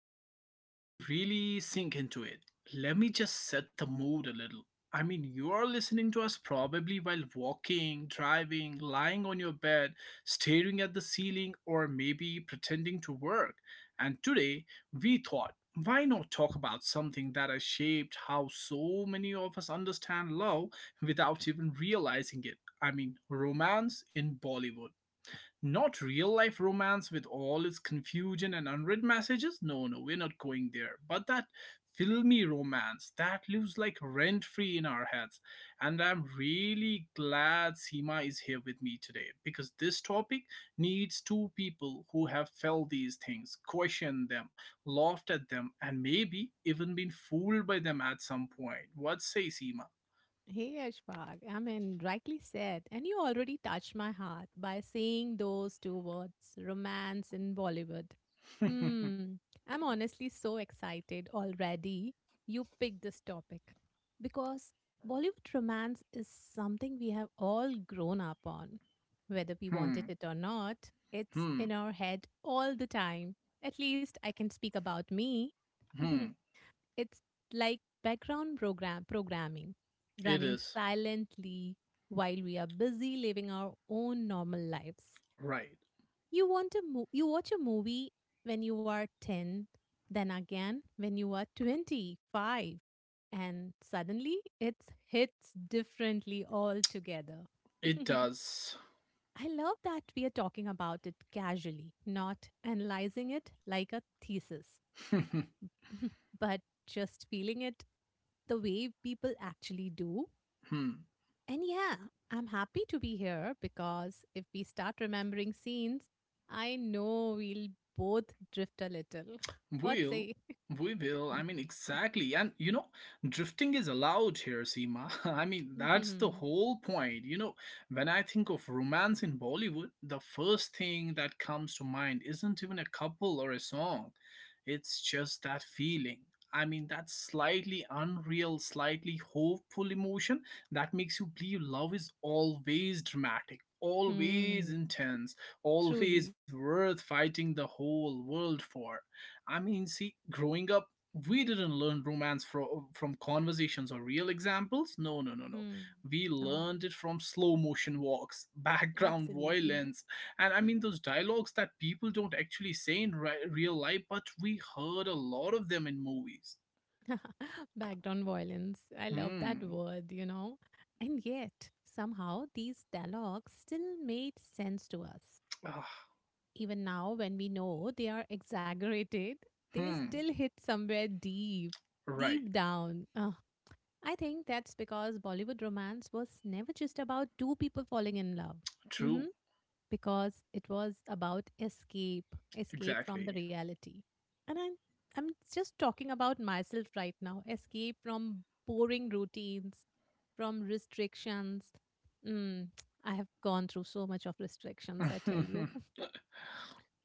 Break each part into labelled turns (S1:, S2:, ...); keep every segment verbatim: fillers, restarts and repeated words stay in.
S1: so before we really sink into it, let me just set the mood a little. I mean, you are listening to us probably while walking, driving, lying on your bed, staring at the ceiling, or maybe pretending to work. And today, we thought, why not talk about something that has shaped how so many of us understand love without even realizing it? I mean, romance in Bollywood. Not real life romance with all its confusion and unread messages? No, no, we're not going there. But that filmy romance that lives like rent free in our heads. And I'm really glad Seema is here with me today because this topic needs two people who have felt these things, questioned them, laughed at them, and maybe even been fooled by them at some point. What say, Seema?
S2: Hey Ashfaq, I mean, rightly said, and you already touched my heart by saying those two words, romance in Bollywood. Hmm, I'm honestly so excited already you picked this topic because Bollywood romance is something we have all grown up on. Whether we wanted
S1: Hmm,
S2: it or not, it's
S1: hmm,
S2: in our head all the time. At least I can speak about me.
S1: hmm.
S2: It's like background program programming
S1: It
S2: running
S1: is.
S2: silently while we are busy living our own normal lives.
S1: Right.
S2: You want to mo- You watch a movie when you are ten, then again when you are twenty-five, and suddenly it hits differently altogether.
S1: It does.
S2: I love that we are talking about it casually, not analyzing it like a thesis. But just feeling it the way people actually do.
S1: Hmm.
S2: And yeah, I'm happy to be here because if we start remembering scenes, I know we'll both drift a little. What
S1: Will,
S2: say?
S1: we will. I mean, exactly. And you know, drifting is allowed here, Seema. I mean, that's the
S2: Hmm.
S1: whole point. You know, when I think of romance in Bollywood, the first thing that comes to mind isn't even a couple or a song, it's just that feeling. I mean, that slightly unreal, slightly hopeful emotion that makes you believe love is always dramatic, always
S2: Hmm.
S1: intense, always
S2: Truly.
S1: worth fighting the whole world for. I mean, see, growing up, we didn't learn romance from from conversations or real examples. No, no, no, no.
S2: Hmm.
S1: We
S2: No,
S1: learned it from slow motion walks, background
S2: absolutely.
S1: violence, and I mean those dialogues that people don't actually say in ri- real life, but we heard a lot of them in movies.
S2: Backed on violence. I love that
S1: Hmm.
S2: word, you know. And yet, somehow, these dialogues still made sense to us.
S1: Ah,
S2: Even now when we know they are exaggerated, they
S1: hmm.
S2: still hit somewhere deep,
S1: Right.
S2: deep down. Ugh. I think that's because Bollywood romance was never just about two people falling in love. Hmm.
S1: True.
S2: Because it was about escape, escape from the
S1: Exactly.
S2: reality. And I'm, I'm just talking about myself right now, escape from boring routines, from restrictions. Mm, I have gone through so much of restrictions, I tell you,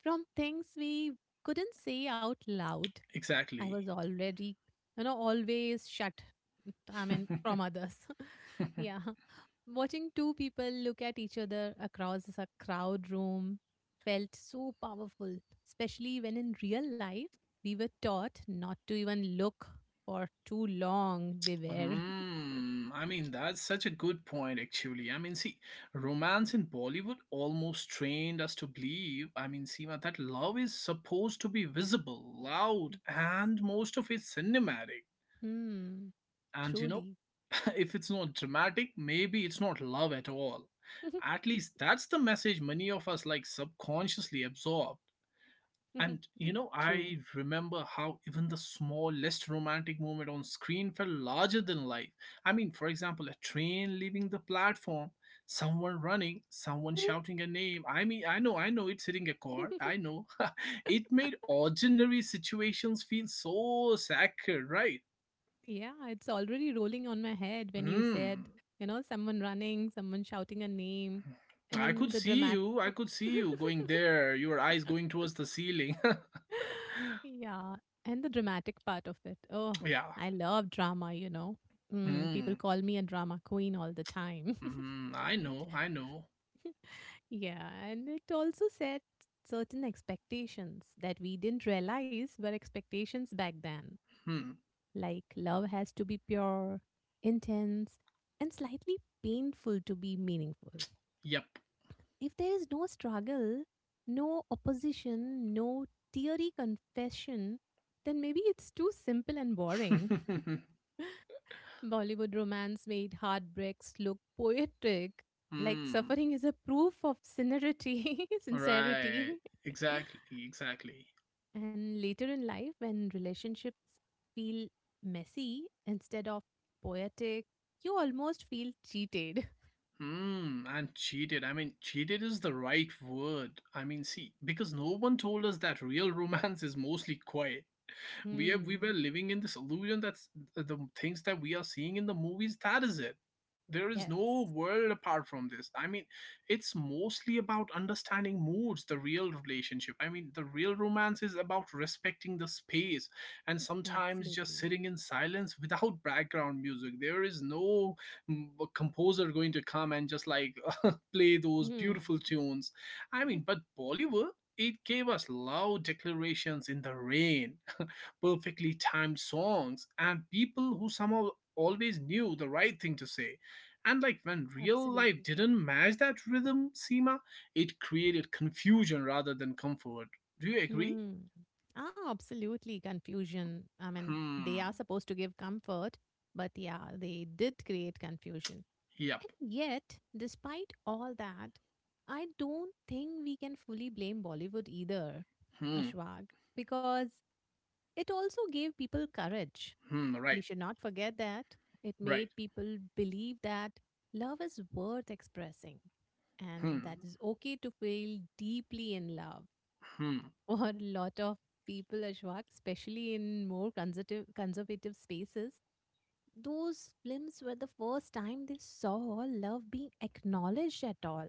S2: from things we couldn't say out loud. I
S1: Exactly.
S2: was already, you know, always shut, I mean, from others. Yeah. Watching two people look at each other across a crowd room felt so powerful, especially when in real life we were taught not to even look for too long. Beware.
S1: Hmm, I mean, that's such a good point, actually. I mean, see, romance in Bollywood almost trained us to believe, I mean, Seema, that love is supposed to be visible, loud, and most of it's cinematic.
S2: Hmm.
S1: And you know,
S2: Truly.
S1: if it's not dramatic, maybe it's not love at all. At least that's the message many of us like subconsciously absorb. And you know,
S2: True.
S1: I remember how even the smallest romantic moment on screen felt larger than life. I mean, for example, a train leaving the platform, someone running, someone shouting a name. I mean, I know, I know it's hitting a chord. I know. It made ordinary situations feel so sacred, right?
S2: Yeah, it's already rolling on my head when you said,
S1: Hmm.
S2: you know, someone running, someone shouting a name,
S1: I could
S2: and the
S1: see
S2: dramatic.
S1: you. I could see you going there, your eyes going towards the ceiling.
S2: Yeah, and the dramatic part of it. Oh,
S1: Yeah.
S2: I love drama, you know. Mm,
S1: Hmm.
S2: people call me a drama queen all the time.
S1: Hmm. I know. I know.
S2: Yeah, and it also set certain expectations that we didn't realize were expectations back then.
S1: Hmm.
S2: Like, love has to be pure, intense, and slightly painful to be meaningful.
S1: Yep.
S2: If there is no struggle, no opposition, no teary confession, then maybe it's too simple and boring. Bollywood romance made heartbreaks look poetic, like
S1: Hmm.
S2: suffering is a proof of sincerity.
S1: Right.
S2: Sincerity.
S1: Exactly. Exactly.
S2: And later in life, when relationships feel messy instead of poetic, you almost feel cheated.
S1: Hmm. And cheated. I mean, cheated is the right word. I mean, see, because no one told us that real romance is mostly quiet. we have we
S2: Hmm.
S1: were living in this illusion. That's the things that we are seeing in the movies, that is it, there is no
S2: Yes,
S1: world apart from this. I mean, it's mostly about understanding moods, the real relationship. I mean, the real romance is about respecting the space and sometimes just
S2: absolutely.
S1: sitting in silence without background music. There is no mm, composer going to come and just like play those
S2: Hmm.
S1: beautiful tunes. I mean, but Bollywood, it gave us loud declarations in the rain, perfectly timed songs and people who somehow always knew the right thing to say. And like when real life
S2: Absolutely.
S1: didn't match that rhythm, Seema, it created confusion rather than comfort. Do you agree?
S2: Hmm. Ah, absolutely. Confusion. I mean, they
S1: Hmm.
S2: are supposed to give comfort, but yeah, they did create confusion.
S1: Yep.
S2: And yet, despite all that, I don't think we can fully blame Bollywood either,
S1: Hmm.
S2: Ashwag, because it also gave people courage.
S1: Hmm.
S2: We
S1: Right.
S2: should not forget that. It made
S1: Right.
S2: people believe that love is worth expressing
S1: Hmm.
S2: and that is okay to feel deeply in love.
S1: Hmm.
S2: For a lot of people, Ashwak, especially in more conservative, conservative spaces, those films were the first time they saw love being acknowledged at all.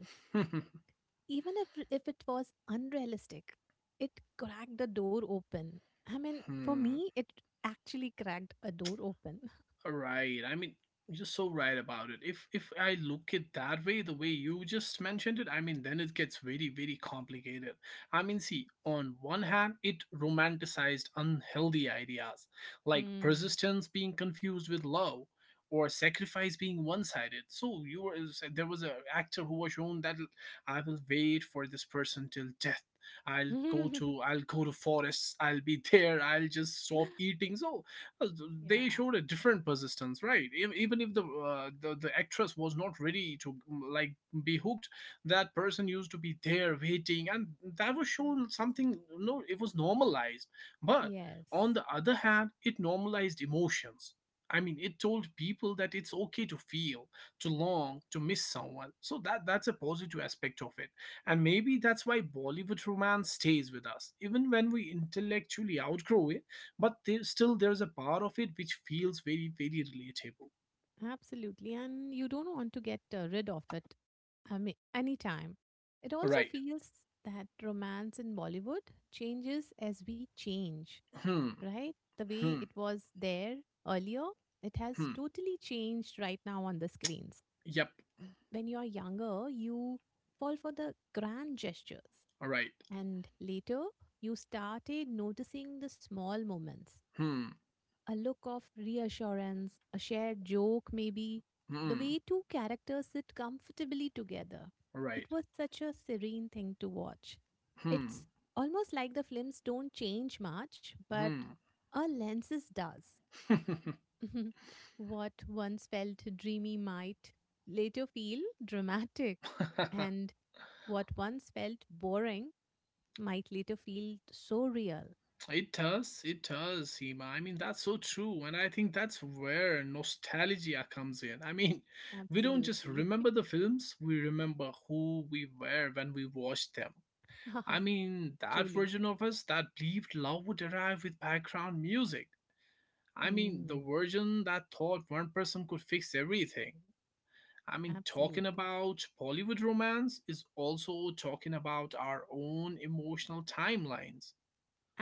S2: Even if if it was unrealistic, it cracked the door open. I mean, for
S1: Hmm.
S2: me, it actually cracked a door open.
S1: Right. I mean, you're so right about it. If if I look at that way, the way you just mentioned it, I mean, then it gets very, very complicated. I mean, see, on one hand, it romanticized unhealthy ideas like
S2: Hmm.
S1: persistence being confused with love or sacrifice being one-sided. So you were there was a actor who was shown that I will wait for this person till death. I'll go to I'll go to forests. I'll be there. I'll just stop eating. So they
S2: Yeah.
S1: showed a different persistence, right. E- even if the, uh, the the actress was not ready to mm, like be hooked, that person used to be there waiting. And that was shown something. No, it was normalized. But
S2: Yes,
S1: on the other hand, it normalized emotions. I mean, it told people that it's okay to feel, to long, to miss someone. So that that's a positive aspect of it. And maybe that's why Bollywood romance stays with us even when we intellectually outgrow it. But there, still there's a part of it which feels very, very relatable.
S2: absolutely. And you don't want to get uh, rid of it. I mean, anytime. It also
S1: Right.
S2: feels that romance in Bollywood changes as we change,
S1: Hmm.
S2: right? The way
S1: Hmm.
S2: it was there earlier, it has
S1: Hmm.
S2: totally changed right now on the screens.
S1: Yep.
S2: When you're younger, you fall for the grand gestures.
S1: Right.
S2: And later, you started noticing the small moments,
S1: Hmm.
S2: a look of reassurance, a shared joke, maybe, the
S1: Hmm.
S2: way two characters sit comfortably together. It
S1: Right.
S2: was such a serene thing to watch.
S1: Hmm.
S2: It's almost like the films don't change much, but
S1: Hmm.
S2: our lenses does. What once felt dreamy might later feel dramatic, and what once felt boring might later feel so real.
S1: it does it does Seema. I mean, that's so true. And I think that's where nostalgia comes in. I mean, we don't just
S2: Absolutely.
S1: remember the films, we remember who we were when we watched them. I
S2: Haha.
S1: mean, that
S2: Truly.
S1: version of us that believed love would arrive with background music. I mean, the
S2: Hmm.
S1: version that thought one person could fix everything. I mean, talking
S2: Absolutely.
S1: about Bollywood romance is also talking about our own emotional timelines.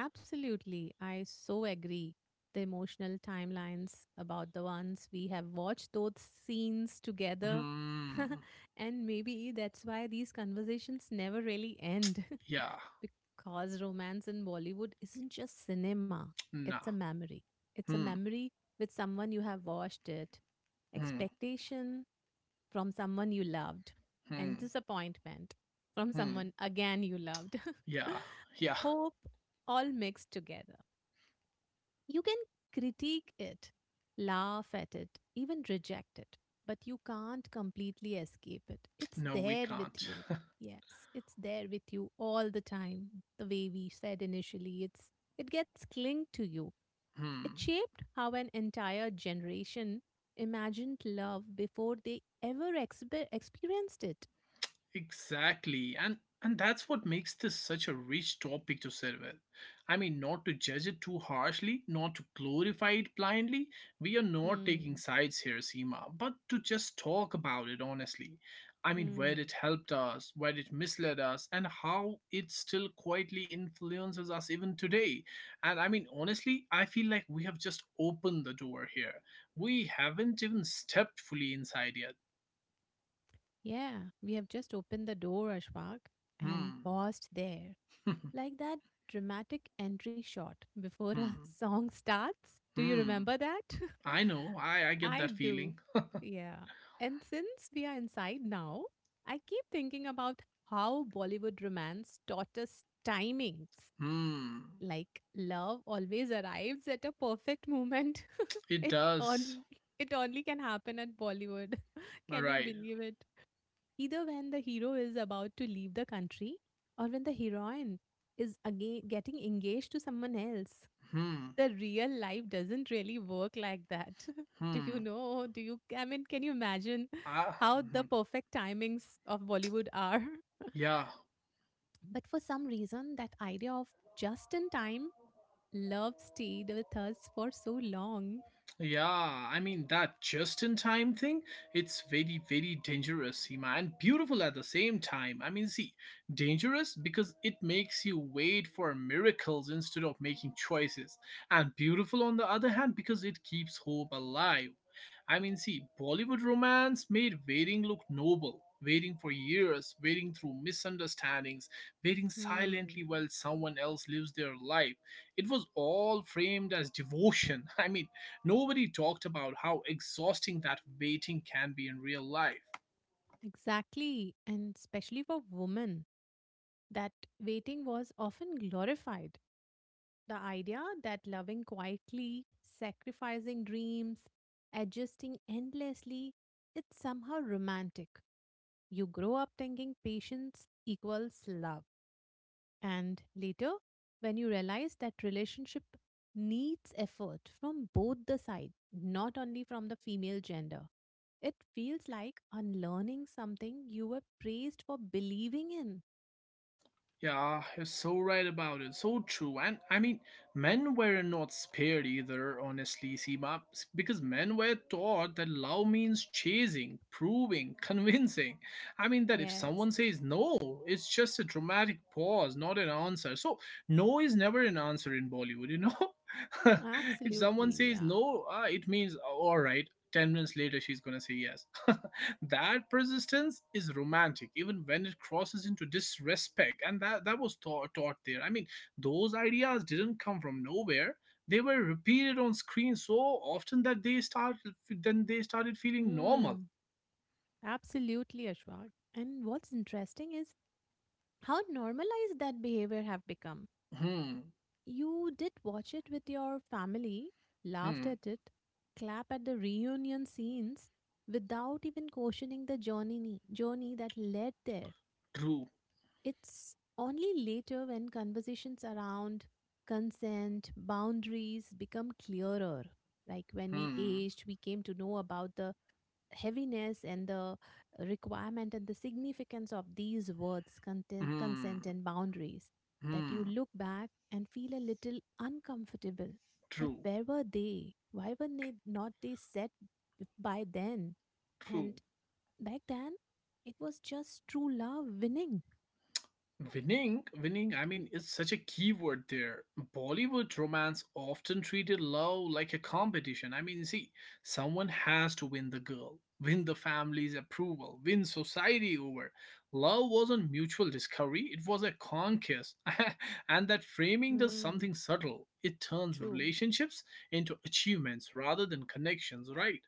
S2: Absolutely. I so agree. The emotional timelines about the ones we have watched those scenes together.
S1: Hmm.
S2: And maybe that's why these conversations never really end.
S1: Yeah.
S2: Because romance in Bollywood isn't just cinema, it's
S1: Nah.
S2: a memory. It's a
S1: Hmm.
S2: memory with someone you have watched it,
S1: Hmm.
S2: expectation from someone you loved, and
S1: Hmm.
S2: disappointment from
S1: Hmm.
S2: someone again you loved.
S1: Yeah. Yeah.
S2: Hope all mixed together. You can critique it, laugh at it, even reject it, but you can't completely escape it. It's
S1: No, we
S2: there with
S1: can't.
S2: you. Yes, it's there with you all the time. The way we said initially, it's it gets clinged to you. It
S1: Hmm.
S2: shaped how an entire generation imagined love before they ever exper experienced it.
S1: Exactly. And and that's what makes this such a rich topic to sit with. I mean, not to judge it too harshly, not to glorify it blindly. We are not taking
S2: Hmm.
S1: sides here, Seema, but to just talk about it honestly. I mean, where it
S2: Hmm.
S1: helped us, where it misled us, and how it still quietly influences us even today. And I mean, honestly, I feel like we have just opened the door here. We haven't even stepped fully inside yet.
S2: Yeah, we have just opened the door, Ashfaq, and
S1: Hmm.
S2: paused there.
S1: Hmm.
S2: Like that dramatic entry shot before a song starts. Do you
S1: Hmm.
S2: remember that?
S1: I know. I I get
S2: I
S1: that
S2: do.
S1: feeling.
S2: Yeah. And since we are inside now, I keep thinking about how Bollywood romance taught us timings.
S1: Hmm.
S2: Like love always arrives at a perfect moment.
S1: It
S2: it
S1: does.
S2: only it only can happen at Bollywood.
S1: All
S2: Can you
S1: right.
S2: believe it? Either when the hero is about to leave the country or when the heroine is again getting engaged to someone else.
S1: Hmm.
S2: The real life doesn't really work like that. Do you
S1: Hmm.
S2: know? Do you? I mean, can you imagine
S1: Ah.
S2: how the
S1: Hmm.
S2: perfect timings of Bollywood are?
S1: Yeah.
S2: But for some reason, that idea of just in time love stayed with us for so long.
S1: Yeah, I mean that just in time thing, it's very, very dangerous, Seema, and beautiful at the same time. I mean, see, dangerous because it makes you wait for miracles instead of making choices, and beautiful on the other hand because it keeps hope alive. I mean, see, Bollywood romance made waiting look noble. Waiting for years, waiting through misunderstandings, waiting silently
S2: Hmm.
S1: while someone else lives their life. It was all framed as devotion. I mean, nobody talked about how exhausting that waiting can be in real life.
S2: Exactly. And especially for women, that waiting was often glorified. The idea that loving quietly, sacrificing dreams, adjusting endlessly, it's somehow romantic. You grow up thinking patience equals love. And later, when you realize that relationship needs effort from both the sides, not only from the female gender, it feels like unlearning something you were praised for believing in.
S1: Yeah, you're so right about it. So true. And I mean, men were not spared either, honestly, Seema, because men were taught that love means chasing, proving, convincing. I mean, that if
S2: Yes,
S1: someone says no, it's just a dramatic pause, not an answer. So, no is never an answer in Bollywood, you know? If someone
S2: absolutely.
S1: says
S2: Yeah.
S1: no, uh, it means, all right, ten minutes later, she's gonna say yes. That persistence is romantic even when it crosses into disrespect. And that that was taught, taught there, I mean. Those ideas didn't come from nowhere, they were repeated on screen so often that they start then they started feeling normal.
S2: Mm. Absolutely, Ashwag. And what's interesting is how normalized that behavior have become.
S1: Hmm.
S2: You did watch it with your family, laughed
S1: Hmm.
S2: at it, clap at the reunion scenes without even questioning the journey journey that led there.
S1: True.
S2: It's only later when conversations around consent, boundaries become clearer. Like when we
S1: Hmm.
S2: aged, we came to know about the heaviness and the requirement and the significance of these words content, consent
S1: Hmm.
S2: and boundaries, that you
S1: Hmm.
S2: look back and feel a little uncomfortable, that
S1: True.
S2: where were they, why were they not they set b- by then.
S1: True.
S2: And back then it was just true love winning.
S1: Winning, winning, I mean, it's such a key word there. Bollywood romance often treated love like a competition. I mean, see, someone has to win the girl, win the family's approval, win society over. Love wasn't mutual discovery, it was a conquest. And that framing does
S2: Hmm.
S1: something subtle. It turns
S2: True.
S1: relationships into achievements rather than connections, right?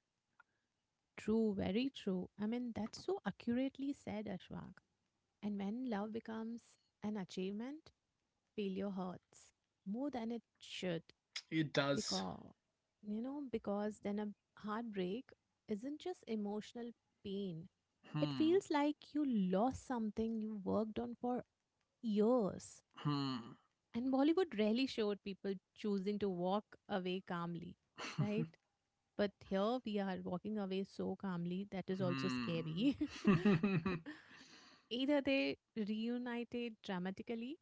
S2: True, very true. I mean, that's so accurately said, Ashwag. And when love becomes an achievement, feel your hurts more than it should
S1: It does.
S2: because you know, because then a heartbreak isn't just emotional pain, it
S1: Hmm.
S2: feels like you lost something you worked on for years.
S1: Hmm.
S2: And Bollywood rarely showed people choosing to walk away calmly, right? But here we are walking away so calmly that is also scary.
S1: Hmm.
S2: Either they reunited dramatically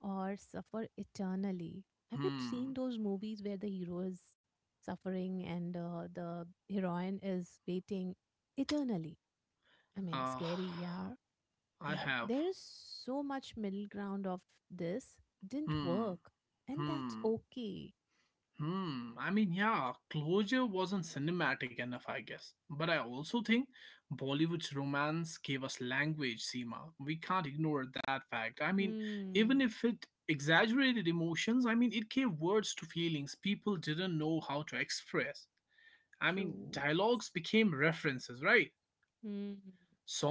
S2: or suffer eternally. Have you seen
S1: Hmm.
S2: those movies where the hero is suffering and uh, the heroine is waiting eternally? I mean,
S1: Uh,
S2: scary, yeah.
S1: I
S2: And
S1: have.
S2: there is so much middle ground of this didn't
S1: Hmm.
S2: work, and that's
S1: Hmm.
S2: okay.
S1: Hmm. I mean, yeah, closure wasn't cinematic enough, I guess. But I also think Bollywood's romance gave us language, Seema. We can't ignore that fact. I mean,
S2: Hmm.
S1: even if it exaggerated emotions, I mean, it gave words to feelings people didn't know how to express. I mean,
S2: True. Yes.
S1: dialogues became references, right?
S2: Hmm.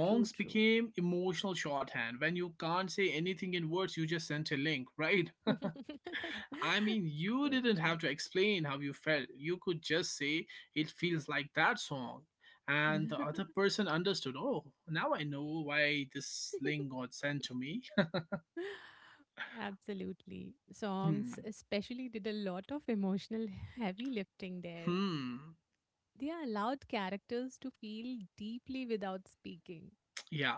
S2: True. True.
S1: became emotional shorthand. When you can't say anything in words, you just sent a link, right? I mean,
S2: So
S1: you didn't
S2: true.
S1: have to explain how you felt. You could just say, it feels like that song. And the other person understood, oh, now I know why this link got sent to me.
S2: Absolutely.
S1: Hmm.
S2: Songs, especially, did a lot of emotional heavy lifting there.
S1: Hmm.
S2: They allowed characters to feel deeply without speaking.
S1: Yeah.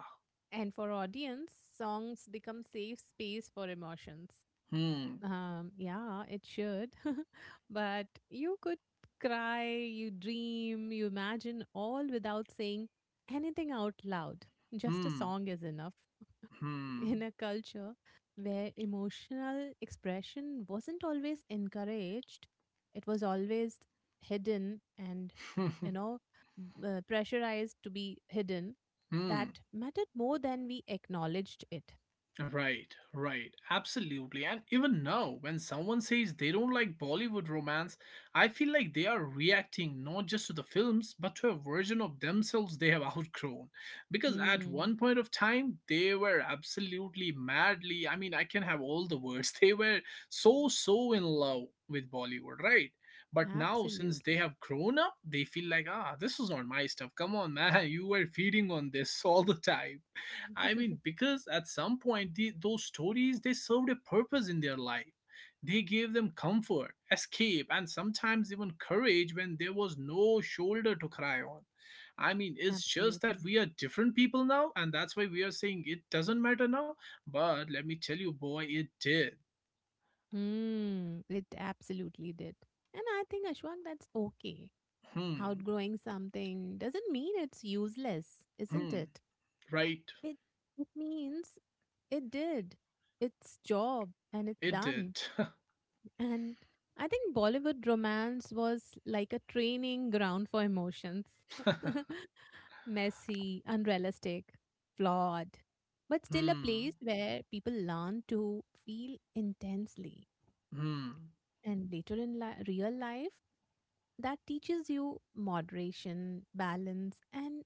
S2: And for audience, songs become safe space for emotions.
S1: Hmm.
S2: Um, yeah, it should. But you could cry, you dream, you imagine all without saying anything out loud. Just a
S1: Hmm.
S2: song is enough. In
S1: Hmm.
S2: a culture where emotional expression wasn't always encouraged, it was always hidden and, you know, b- uh, pressurized to be hidden,
S1: Hmm.
S2: that mattered more than we acknowledged it.
S1: Right, right. Absolutely. And even now, when someone says they don't like Bollywood romance, I feel like they are reacting not just to the films, but to a version of themselves they have outgrown. Because at
S2: Hmm.
S1: one point of time, they were absolutely madly, I mean, I can have all the words, they were so, so in love with Bollywood, right? But now, since they
S2: Absolutely.
S1: have grown up, they feel like, ah, this is not my stuff. Come on, man, you were feeding on this all the time. I mean, because at some point, the, those stories they served a purpose in their life. They gave them comfort, escape, and sometimes even courage when there was no shoulder to cry on. I mean, it's just that
S2: Absolutely.
S1: we are different people now, and that's why we are saying it doesn't matter now. But let me tell you, boy, it did.
S2: Hmm. It absolutely did. And I think, Ashwak, that's okay.
S1: Hmm.
S2: Outgrowing something doesn't mean it's useless, isn't
S1: Hmm.
S2: it?
S1: Right.
S2: It, it means it did its job and it's
S1: It did.
S2: done. And I think Bollywood romance was like a training ground for emotions. Messy, unrealistic, flawed, but still a
S1: Hmm.
S2: place where people learn to feel intensely.
S1: Hmm.
S2: And later in li- real life, that teaches you moderation, balance, and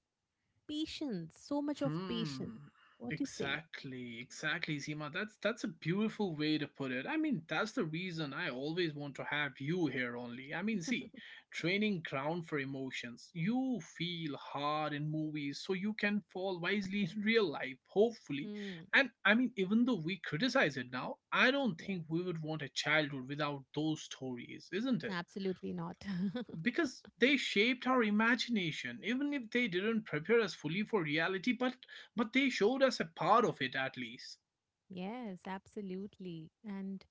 S2: patience. So much of patience.
S1: Hmm.
S2: What you say?
S1: Exactly, exactly, Seema. That's that's a beautiful way to put it. I mean, that's the reason I always want to have you here only. I mean, see, training ground for emotions. You feel hard in movies so you can fall wisely in real life, hopefully.
S2: Hmm.
S1: And I mean, even though we criticize it now, I don't
S2: Yes,
S1: think we would want a childhood without those stories, isn't it?
S2: absolutely not.
S1: Because they shaped our imagination, even if they didn't prepare us fully for reality, but but they showed us a part of it at least.
S2: Yes, absolutely. And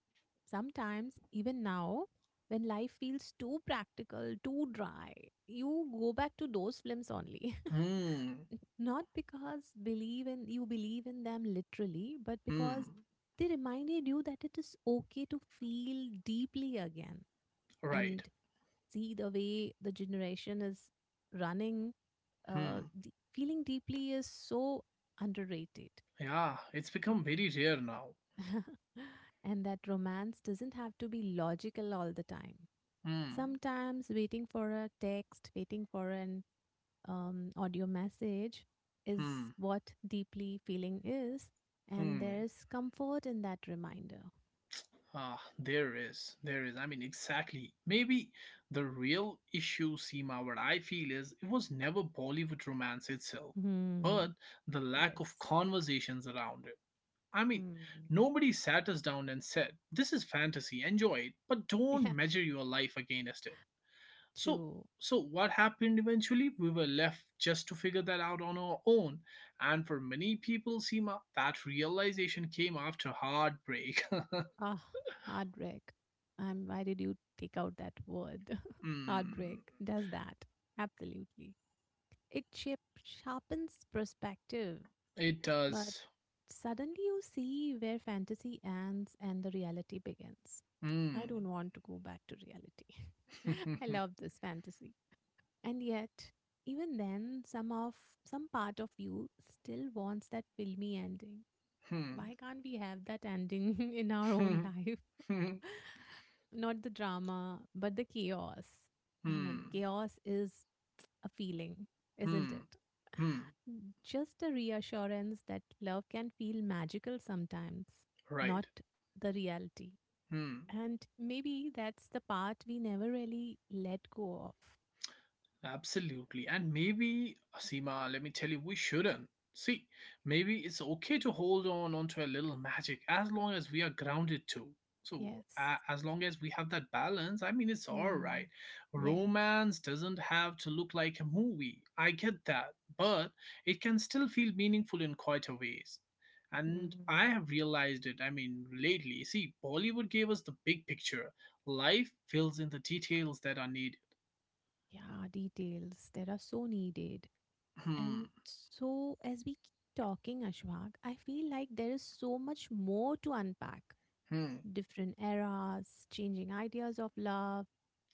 S2: sometimes, even now, when life feels too practical, too dry, you go back to those films only.
S1: Hmm.
S2: Not because believe in you believe in them literally, but because
S1: Hmm.
S2: they reminded you that it is okay to feel deeply again.
S1: Right.
S2: And see the way the generation is running, uh,
S1: Hmm.
S2: d- feeling deeply is so underrated.
S1: Yeah, it's become very rare now.
S2: And that romance doesn't have to be logical all the time.
S1: Hmm.
S2: Sometimes waiting for a text, waiting for an um, audio message
S1: Hmm.
S2: is what deeply feeling is, and there
S1: Hmm.
S2: is comfort in that reminder.
S1: ah there is there is I mean, exactly, maybe, the real issue, Seema, what I feel is it was never Bollywood romance itself, but
S2: Hmm.
S1: the lack of
S2: Yes.
S1: conversations around it. I mean,
S2: Hmm.
S1: nobody sat us down and said, "This is fantasy, enjoy it, but don't
S2: Yeah.
S1: measure your life against it." So,
S2: True.
S1: so what happened eventually? We were left just to figure that out on our own, and for many people, Seema, that realization came after heartbreak.
S2: Ah, heartbreak. Um, why did you take out that word? Heartbreak
S1: Mm.
S2: does that. Absolutely. It shape- sharpens perspective.
S1: It
S2: But
S1: does.
S2: suddenly you see where fantasy ends and the reality begins. I
S1: Mm.
S2: don't want to go back to reality. I
S1: Hmm.
S2: love this fantasy. And yet, even then, some of some part of you still wants that filmy ending.
S1: Hmm.
S2: Why can't we have that ending in our own
S1: Hmm.
S2: life? Not the drama, but the chaos. I mean,
S1: Hmm.
S2: chaos is a feeling, isn't
S1: Hmm.
S2: it?
S1: Hmm.
S2: Just a reassurance that love can feel magical sometimes,
S1: Right.
S2: not the reality.
S1: Hmm.
S2: And maybe that's the part we never really let go of.
S1: Absolutely. And maybe, Seema, let me tell you, we shouldn't. See, maybe it's okay to hold on onto a little magic as long as we are grounded too. So,
S2: Yes.
S1: a as long as we have that balance, I mean, it's all
S2: Hmm.
S1: right.
S2: Yes.
S1: Romance doesn't have to look like a movie. I get that. But it can still feel meaningful in quite a ways. And I
S2: Hmm.
S1: have realized it, I mean, lately. See, Bollywood gave us the big picture. Life fills in the details that are needed.
S2: Yeah, details. There are so needed. And
S1: Hmm.
S2: so, as we keep talking, Ashwag, I feel like there is so much more to unpack
S1: Hmm.
S2: different eras, changing ideas of love,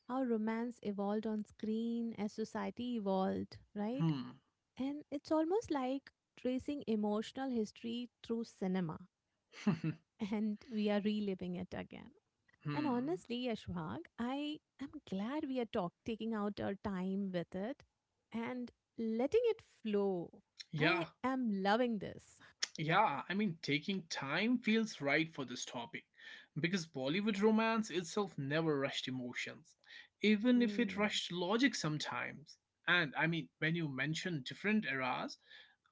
S2: how romance evolved on screen as society evolved, right?
S1: Hmm.
S2: And it's almost like tracing emotional history through cinema, and we are reliving it again. And
S1: Hmm.
S2: honestly, Ashwag, I am glad we are talk- taking out our time with it and letting it flow.
S1: Yeah.
S2: I am loving this.
S1: Yeah, I mean, taking time feels right for this topic because Bollywood romance itself never rushed emotions, even if it
S2: Hmm.
S1: rushed logic sometimes. And I mean, when you mention different eras,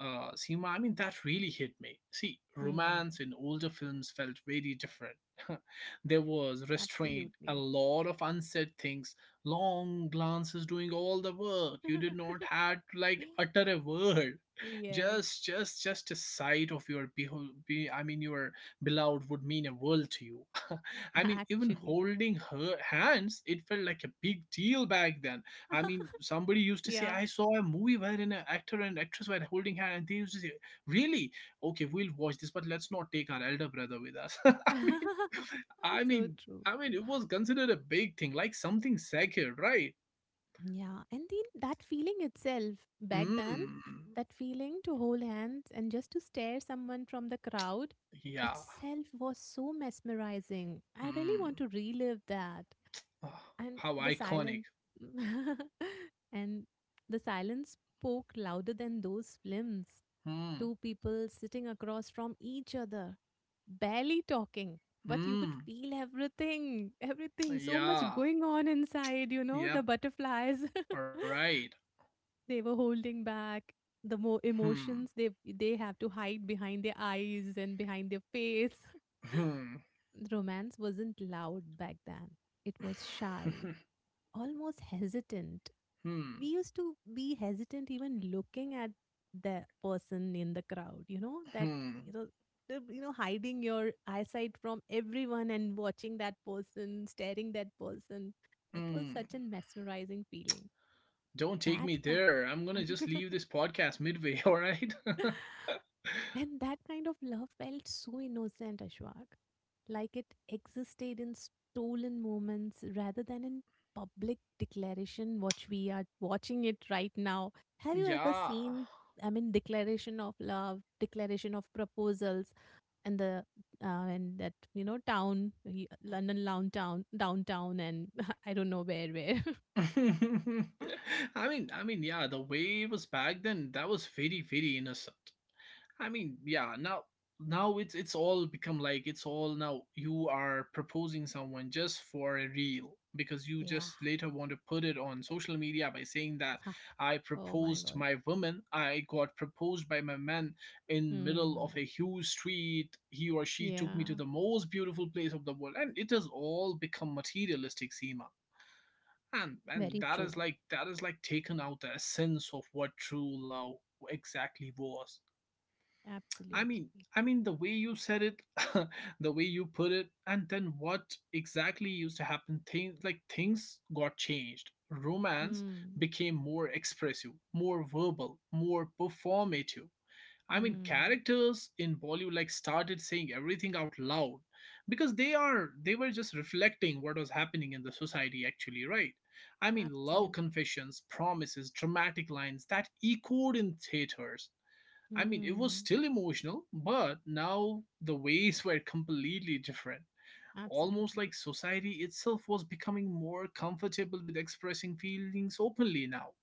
S1: uh, Seema, I mean, that really hit me. See,
S2: Hmm.
S1: romance in older films felt very different. There was restraint, a
S2: Absolutely.
S1: lot of unsaid things, long glances doing all the work. You did not had to like utter a word.
S2: Yes,
S1: Just just just a sight of your beho- be I mean your beloved would mean a world to you. I mean, even
S2: actually.
S1: holding her hands, it felt like a big deal back then. I mean, somebody used to say,
S2: Yeah.
S1: I saw a movie wherein an actor and actress were holding hand, and they used to say, really, okay, we'll watch this, but let's not take our elder brother with us. i mean i
S2: So
S1: mean
S2: true.
S1: i mean it was considered a big thing, like something sacred, right?
S2: Yeah, and then that feeling itself back then,
S1: Mm,
S2: that feeling to hold hands and just to stare someone from the crowd
S1: yeah.
S2: itself was so mesmerizing. I really want
S1: Mm.
S2: to relive that
S1: Ah,
S2: and
S1: how
S2: the
S1: iconic.
S2: silence and the silence spoke louder than those films
S1: Hmm.
S2: two people sitting across from each other barely talking but you could
S1: Hmm.
S2: feel everything everything so much
S1: Yeah.
S2: going on, inside you know, the
S1: Yep.
S2: butterflies.
S1: All right.
S2: They were holding back the more
S1: Hmm.
S2: emotions they they have to hide behind their eyes and behind their face.
S1: Hmm.
S2: Romance wasn't loud back then, it was shy, almost hesitant.
S1: Hmm.
S2: We used to be hesitant even looking at the person in the crowd, you know, that,
S1: Hmm.
S2: you know, the, you know, hiding your eyesight from everyone and watching that person, staring that person. It was
S1: Hmm.
S2: such a mesmerizing feeling.
S1: Don't take
S2: That
S1: me
S2: kind.
S1: there. I'm gonna just leave this podcast midway. All right.
S2: And that kind of love felt so innocent, Ashwak. Like it existed in stolen moments rather than in public declaration, which we are watching it right now. Have you ever
S1: Yeah.
S2: seen, I mean, declaration of love, declaration of proposals, and the uh, and that, you know, town, y- London downtown, town, downtown, and I don't know where, where.
S1: I mean, I mean, yeah. The way it was back then, that was very, very innocent. I mean, yeah, now now it's it's all become like it's all now you are proposing someone just for a reel because you just
S2: Yeah.
S1: later want to put it on social media by saying that
S2: Ah,
S1: I
S2: oh my
S1: proposed
S2: God.
S1: my woman, I got proposed by my man in middle
S2: Hmm.
S1: of a huge street. He or she took me to
S2: Yeah.
S1: the most beautiful place of the world, and it has all become materialistic, Seema. And and
S2: Very
S1: that
S2: true.
S1: is like that is like taken out the essence of what true love exactly was. I mean,
S2: Absolutely.
S1: I mean the way you said it, the way you put it, and then what exactly used to happen? Things like things got changed. Romance
S2: Hmm.
S1: became more expressive, more verbal, more performative. I mean,
S2: Hmm.
S1: characters in Bollywood like started saying everything out loud because they are they were just reflecting what was happening in the society actually, right? I mean, love
S2: Absolutely.
S1: confessions, promises, dramatic lines that echoed in theaters. I mean, it was
S2: Hmm.
S1: still emotional, but now the ways were completely different. Almost
S2: Absolutely.
S1: like society itself was becoming more comfortable with expressing feelings openly now.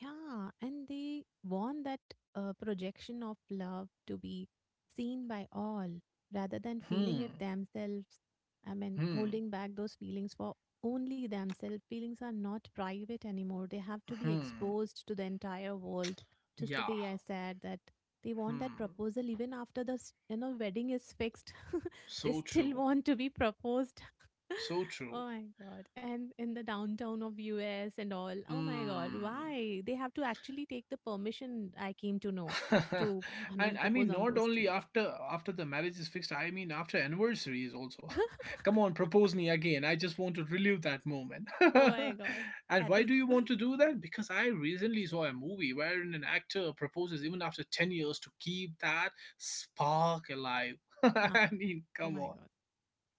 S2: Yeah. And they want that uh, projection of love to be seen by all rather than
S1: Hmm.
S2: feeling it themselves. I mean,
S1: Hmm.
S2: holding back those feelings for only themselves. Feelings are not private anymore. They have to be
S1: Hmm.
S2: exposed to the entire world. Just the
S1: Yeah.
S2: way I said that they want
S1: Hmm.
S2: that proposal even after the s- you know wedding is fixed. They
S1: So
S2: still
S1: true.
S2: want to be proposed.
S1: So
S2: Oh
S1: true.
S2: my god. And in the downtown of U S and all. Oh my god.
S1: Hmm.
S2: Why? They have to actually take the permission I came to know to I
S1: And
S2: mean
S1: I mean,
S2: propose on
S1: not
S2: those
S1: only
S2: streets.
S1: after after the marriage is fixed. I mean, after anniversaries also. Come on, propose me again. I just want to relive that moment.
S2: Oh my god.
S1: And
S2: That
S1: why
S2: is
S1: do you want to do that? Because I recently saw a movie wherein an actor proposes even after ten years to keep that spark alive.
S2: ah,
S1: I mean,
S2: oh
S1: come
S2: my
S1: on.
S2: god.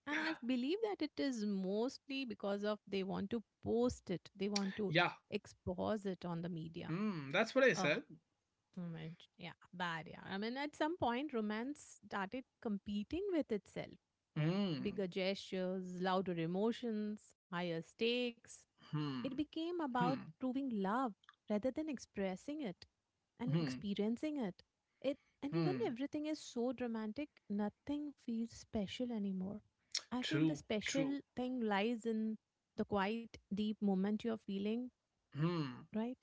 S2: And I believe that it is mostly because of they want to post it. They want to
S1: Yeah.
S2: expose it on the media.
S1: Hmm. That's what I
S2: Oh,
S1: said.
S2: man. Yeah, bad. Yeah. I mean, at some point, romance started competing with itself.
S1: Hmm.
S2: Bigger gestures, louder emotions, higher
S1: Hmm.
S2: stakes. It
S1: Hmm.
S2: became about proving love rather than expressing it and
S1: Hmm.
S2: experiencing it. It and even
S1: Hmm.
S2: everything is so dramatic, nothing feels special anymore. I feel
S1: True.
S2: the
S1: True.
S2: special thing lies in the quiet, deep moment you're feeling,
S1: Hmm.
S2: right?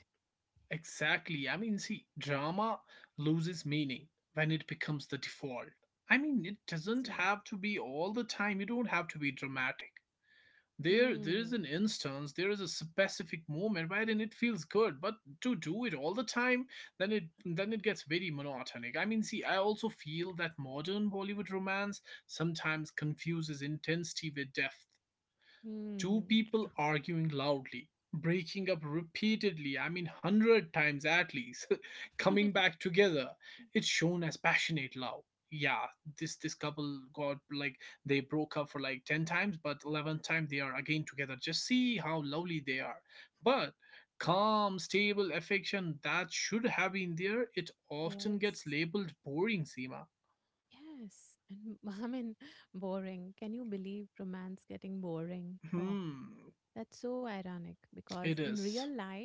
S1: Exactly. I mean, see, drama loses meaning when it becomes the default. I mean, it doesn't
S2: Absolutely.
S1: have to be all the time. You don't have to be dramatic. There, there is
S2: Hmm.
S1: an instance, there is a specific moment wherein it feels good, but to do it all the time, then it then it gets very monotonic. I mean, see, I also feel that modern Bollywood romance sometimes confuses intensity with depth. Two
S2: Hmm. True.
S1: people arguing loudly, breaking up repeatedly, I mean, one hundred times at least, coming back together. It's shown as passionate love. Yeah, this this couple got like they broke up for like ten times, but eleventh time they are again together. Just see how lovely they are. But calm, stable affection that should have been there, it often
S2: Yes.
S1: gets labeled boring, Seema.
S2: Yes, and I mean, boring. Can you believe romance getting boring? Oh,
S1: Hmm,
S2: that's so ironic because
S1: it
S2: in real
S1: is.
S2: life,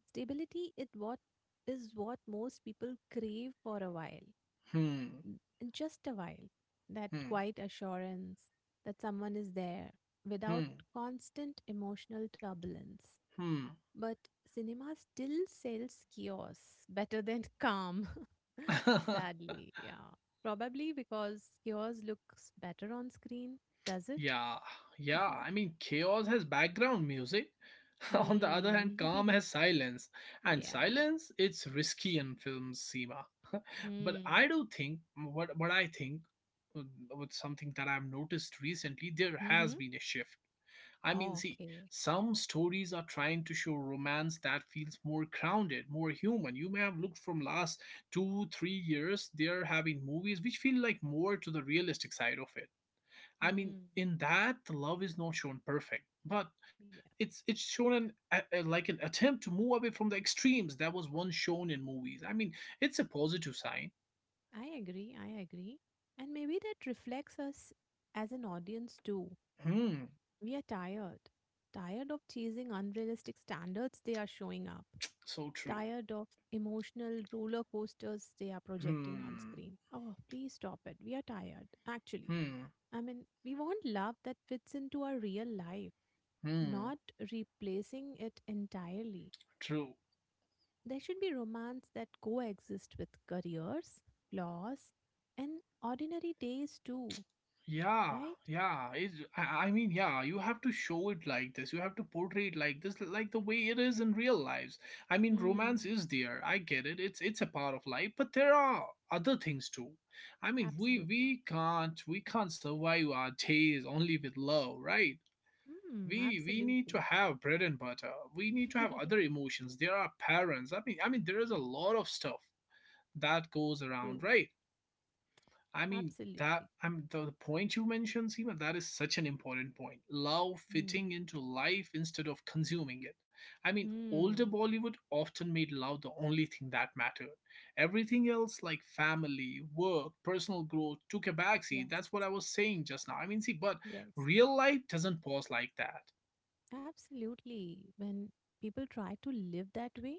S2: stability it what is what most people crave for a while,
S1: Hmm.
S2: and just a while. That
S1: Hmm.
S2: quiet assurance that someone is there without constant emotional turbulence.
S1: Hmm.
S2: But cinema still sells chaos better than calm.
S1: Hmm.
S2: Sadly, yeah. Probably because yours looks better on screen, does it?
S1: Yeah, yeah. I mean, chaos has background music. On the other
S2: Hmm.
S1: hand, calm has silence. And
S2: Yeah.
S1: silence, it's risky in films, Seema. But
S2: Hmm.
S1: I do think, what, what I think, uh, with something that I've noticed recently, there has
S2: Mm-hmm.
S1: been a shift. I mean, see,
S2: Okay.
S1: some stories are trying to show romance that feels more grounded, more human. You may have looked from last two, three years, they're having movies which feel like more to the realistic side of it. I mean,
S2: Hmm.
S1: in that, the love is not shown perfect, but
S2: Yeah.
S1: it's it's shown an, a, a- like an attempt to move away from the extremes that was once shown in movies. I mean, it's a positive sign.
S2: I agree. I agree. And maybe that reflects us as an audience too.
S1: Hmm.
S2: We are tired. Tired of chasing unrealistic standards they are showing up.
S1: So true.
S2: Tired of emotional roller coasters they are projecting on
S1: Hmm.
S2: screen. Oh, please stop it. We are tired, actually.
S1: Hmm.
S2: I mean, we want love that fits into our real life,
S1: Hmm.
S2: not replacing it entirely.
S1: True.
S2: There should be romance that coexist with careers, flaws, and ordinary days too,
S1: Yeah,
S2: right?
S1: yeah. It's, I, I mean, yeah, you have to show it like this. You have to portray it like this, like the way it is in real lives. I mean, romance
S2: Hmm,
S1: is there. I get it. It's it's a part of life, but there are other things too. I mean, we
S2: absolutely.
S1: we can't we can't survive our days only with love, right?
S2: Hmm,
S1: We we need to
S2: absolutely.
S1: have bread and butter. We need to have other emotions. There are parents. I mean, I mean, there is a lot of stuff that goes
S2: True.
S1: around, right? I mean
S2: Absolutely.
S1: that I'm the, the point you mentioned, Seema, that is such an important point. Love
S2: Hmm.
S1: fitting into life instead of consuming it. I mean,
S2: Mm.
S1: older Bollywood often made love the only thing that mattered. Everything else like family, work, personal growth took a backseat. That's
S2: Yes.
S1: what I was saying just now. I mean, see, but
S2: Yes.
S1: real life doesn't pause like that.
S2: Absolutely. When people try to live that way,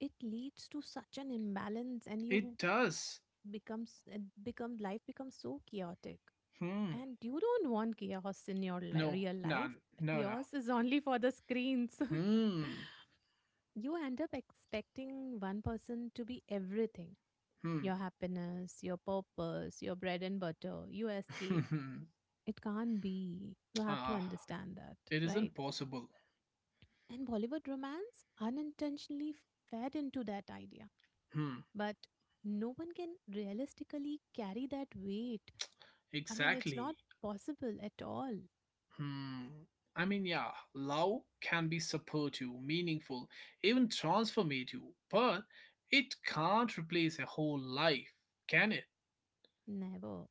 S2: it leads to such an imbalance and
S1: It
S2: you
S1: does.
S2: becomes and become life becomes so chaotic.
S1: Hmm.
S2: And you don't want chaos in your li-
S1: No.
S2: real
S1: No.
S2: life.
S1: No. No.
S2: Chaos is only for the screens.
S1: Hmm.
S2: You end up expecting one person to be everything,
S1: Hmm.
S2: your happiness, your purpose, your bread and butter, your escape. It can't be. You have to
S1: Ah.
S2: understand that,
S1: It isn't
S2: right?
S1: possible.
S2: And Bollywood romance unintentionally fed into that idea.
S1: Hmm.
S2: But no one can realistically carry that weight. I mean, it's
S1: Exactly.
S2: not possible at all.
S1: Hmm. I mean, yeah, love can be supportive, meaningful, even transformative, but it can't replace a whole life, can it?
S2: Never.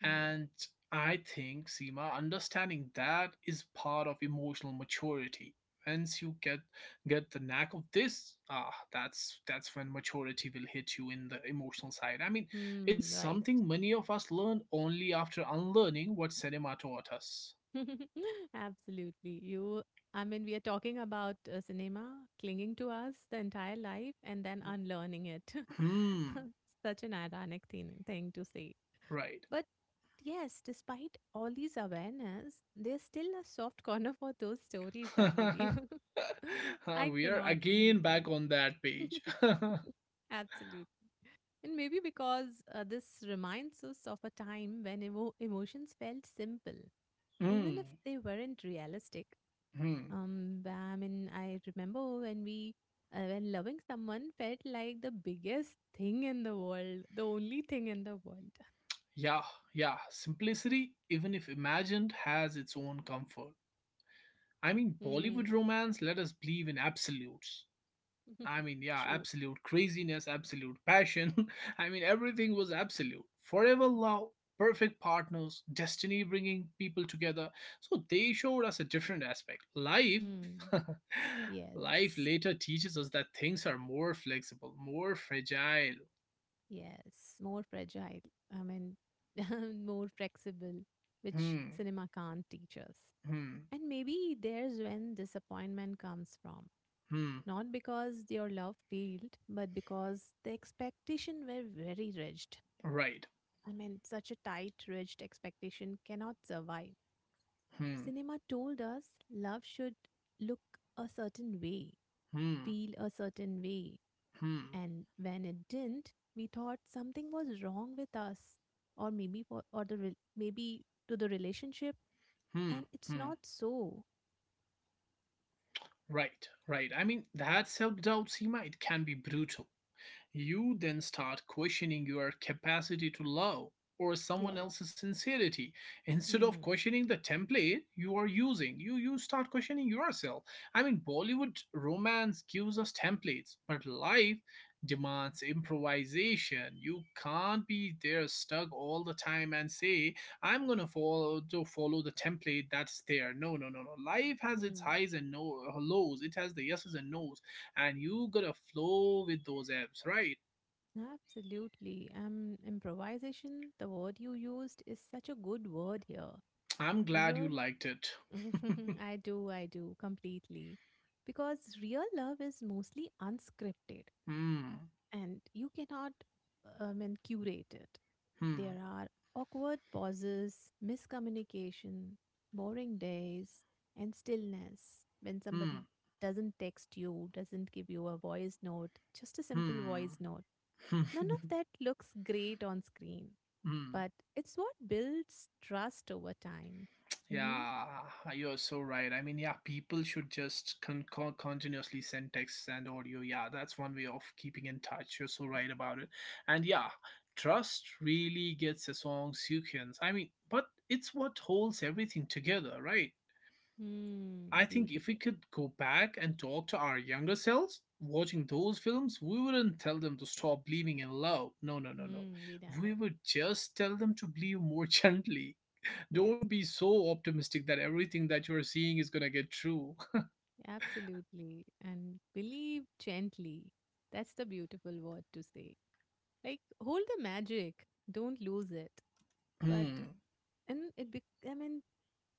S2: Never.
S1: And I think, Seema, understanding that is part of emotional maturity. Once you get get the knack of this, ah, that's that's when maturity will hit you in the emotional side. I mean, it's
S2: Hmm, right.
S1: something many of us learn only after unlearning what cinema taught us.
S2: Absolutely. You, I mean, we are talking about uh, cinema clinging to us the entire life and then unlearning it.
S1: Hmm.
S2: Such an ironic thing, thing to say.
S1: Right.
S2: But yes, despite all these awareness, there's still a soft corner for those stories, I believe.
S1: Uh,
S2: I
S1: we are
S2: cannot
S1: again
S2: leave
S1: back
S2: them.
S1: on that page.
S2: Absolutely. And maybe because uh, this reminds us of a time when emo- emotions felt simple, even
S1: Mm.
S2: if they weren't realistic.
S1: Mm.
S2: Um, but I mean, I remember when we, uh, when loving someone felt like the biggest thing in the world, the only thing in the world.
S1: Yeah, yeah. Simplicity, even if imagined, has its own comfort. I mean, Bollywood romance let us believe in absolutes. I mean, yeah,
S2: True.
S1: absolute craziness, absolute passion. I mean, everything was absolute. Forever love, perfect partners, destiny bringing people together. So they showed us a different aspect. Life,
S2: Hmm. Yes.
S1: life later teaches us that things are more flexible, more fragile.
S2: Yes. More fragile. I mean, more flexible, which
S1: Hmm.
S2: cinema can't teach us.
S1: Hmm.
S2: And maybe there's when disappointment comes from.
S1: Hmm.
S2: Not because your love failed, but because the expectation were very rigid.
S1: Right.
S2: I mean, such a tight, rigid expectation cannot survive.
S1: Hmm.
S2: Cinema told us love should look a certain way,
S1: Hmm.
S2: feel a certain way.
S1: Hmm.
S2: And when it didn't, we thought something was wrong with us, or maybe for, or the re- maybe to the relationship.
S1: Hmm.
S2: And it's
S1: Hmm.
S2: not so.
S1: Right, right. I mean, that self doubt, Seema, it can be brutal. You then start questioning your capacity to love or someone
S2: Yes.
S1: else's sincerity. Instead of
S2: Hmm.
S1: questioning the template you are using, you, you start questioning yourself. I mean, Bollywood romance gives us templates, but life demands improvisation. You can't be there stuck all the time and say, I'm gonna follow to follow the template that's there. No, no, no, no. Life has its
S2: Hmm.
S1: highs and no lows. It has the yeses and nos and you gotta flow with those ebbs, right?
S2: Absolutely. Um, improvisation, the word you used, is such a good word here.
S1: I'm glad you
S2: Real.
S1: liked it.
S2: I do. I do completely. Because real love is mostly unscripted
S1: Hmm.
S2: and you cannot um, and curate it.
S1: Hmm.
S2: There are awkward pauses, miscommunication, boring days, and stillness when somebody
S1: Hmm.
S2: doesn't text you, doesn't give you a voice note, just a simple
S1: Hmm.
S2: voice note. None of that looks great on screen,
S1: Hmm.
S2: but it's what builds trust over time. Mm-hmm.
S1: Yeah, you're so right. I mean, yeah, people should just con- con- continuously send texts and audio. Yeah, that's one way of keeping in touch. You're so right about it. And yeah, trust really gets a song sequence. I mean, but it's what holds everything together, right?
S2: Hmm.
S1: I think if we
S2: Beautiful.
S1: could go back and talk to our younger selves, watching those films, we wouldn't tell them to stop believing in love. No, no, no, no.
S2: Hmm. We
S1: We
S2: never.
S1: would just tell them to believe more gently.
S2: Yes.
S1: Don't be so optimistic that everything that you are seeing is gonna get true.
S2: Absolutely. And believe gently. That's the beautiful word to say. Like hold the magic. Don't lose it. But
S1: Hmm,
S2: and it be I mean,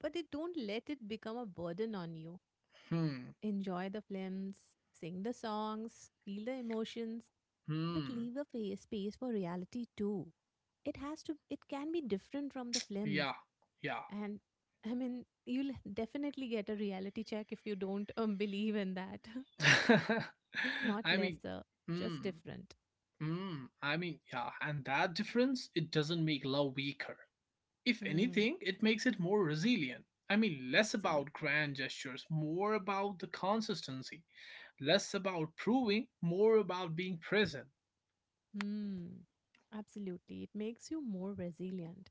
S2: but it don't let it become a burden on you.
S1: hmm,
S2: Enjoy the films, sing the songs, feel the emotions, but
S1: hmm.
S2: leave a fa- space for reality too. It has to it can be different from the films.
S1: Yeah, yeah.
S2: And I mean, you'll definitely get a reality check if you don't um, believe in that. Not
S1: I mean,
S2: lesser,
S1: hmm,
S2: just different.
S1: hmm. I mean, yeah. And that difference, it doesn't make love weaker. If
S2: Hmm.
S1: anything, it makes it more resilient. I mean, less about
S2: Absolutely.
S1: grand gestures, more about the consistency, less about proving, more about being present.
S2: Hmm. Absolutely. It makes you more resilient.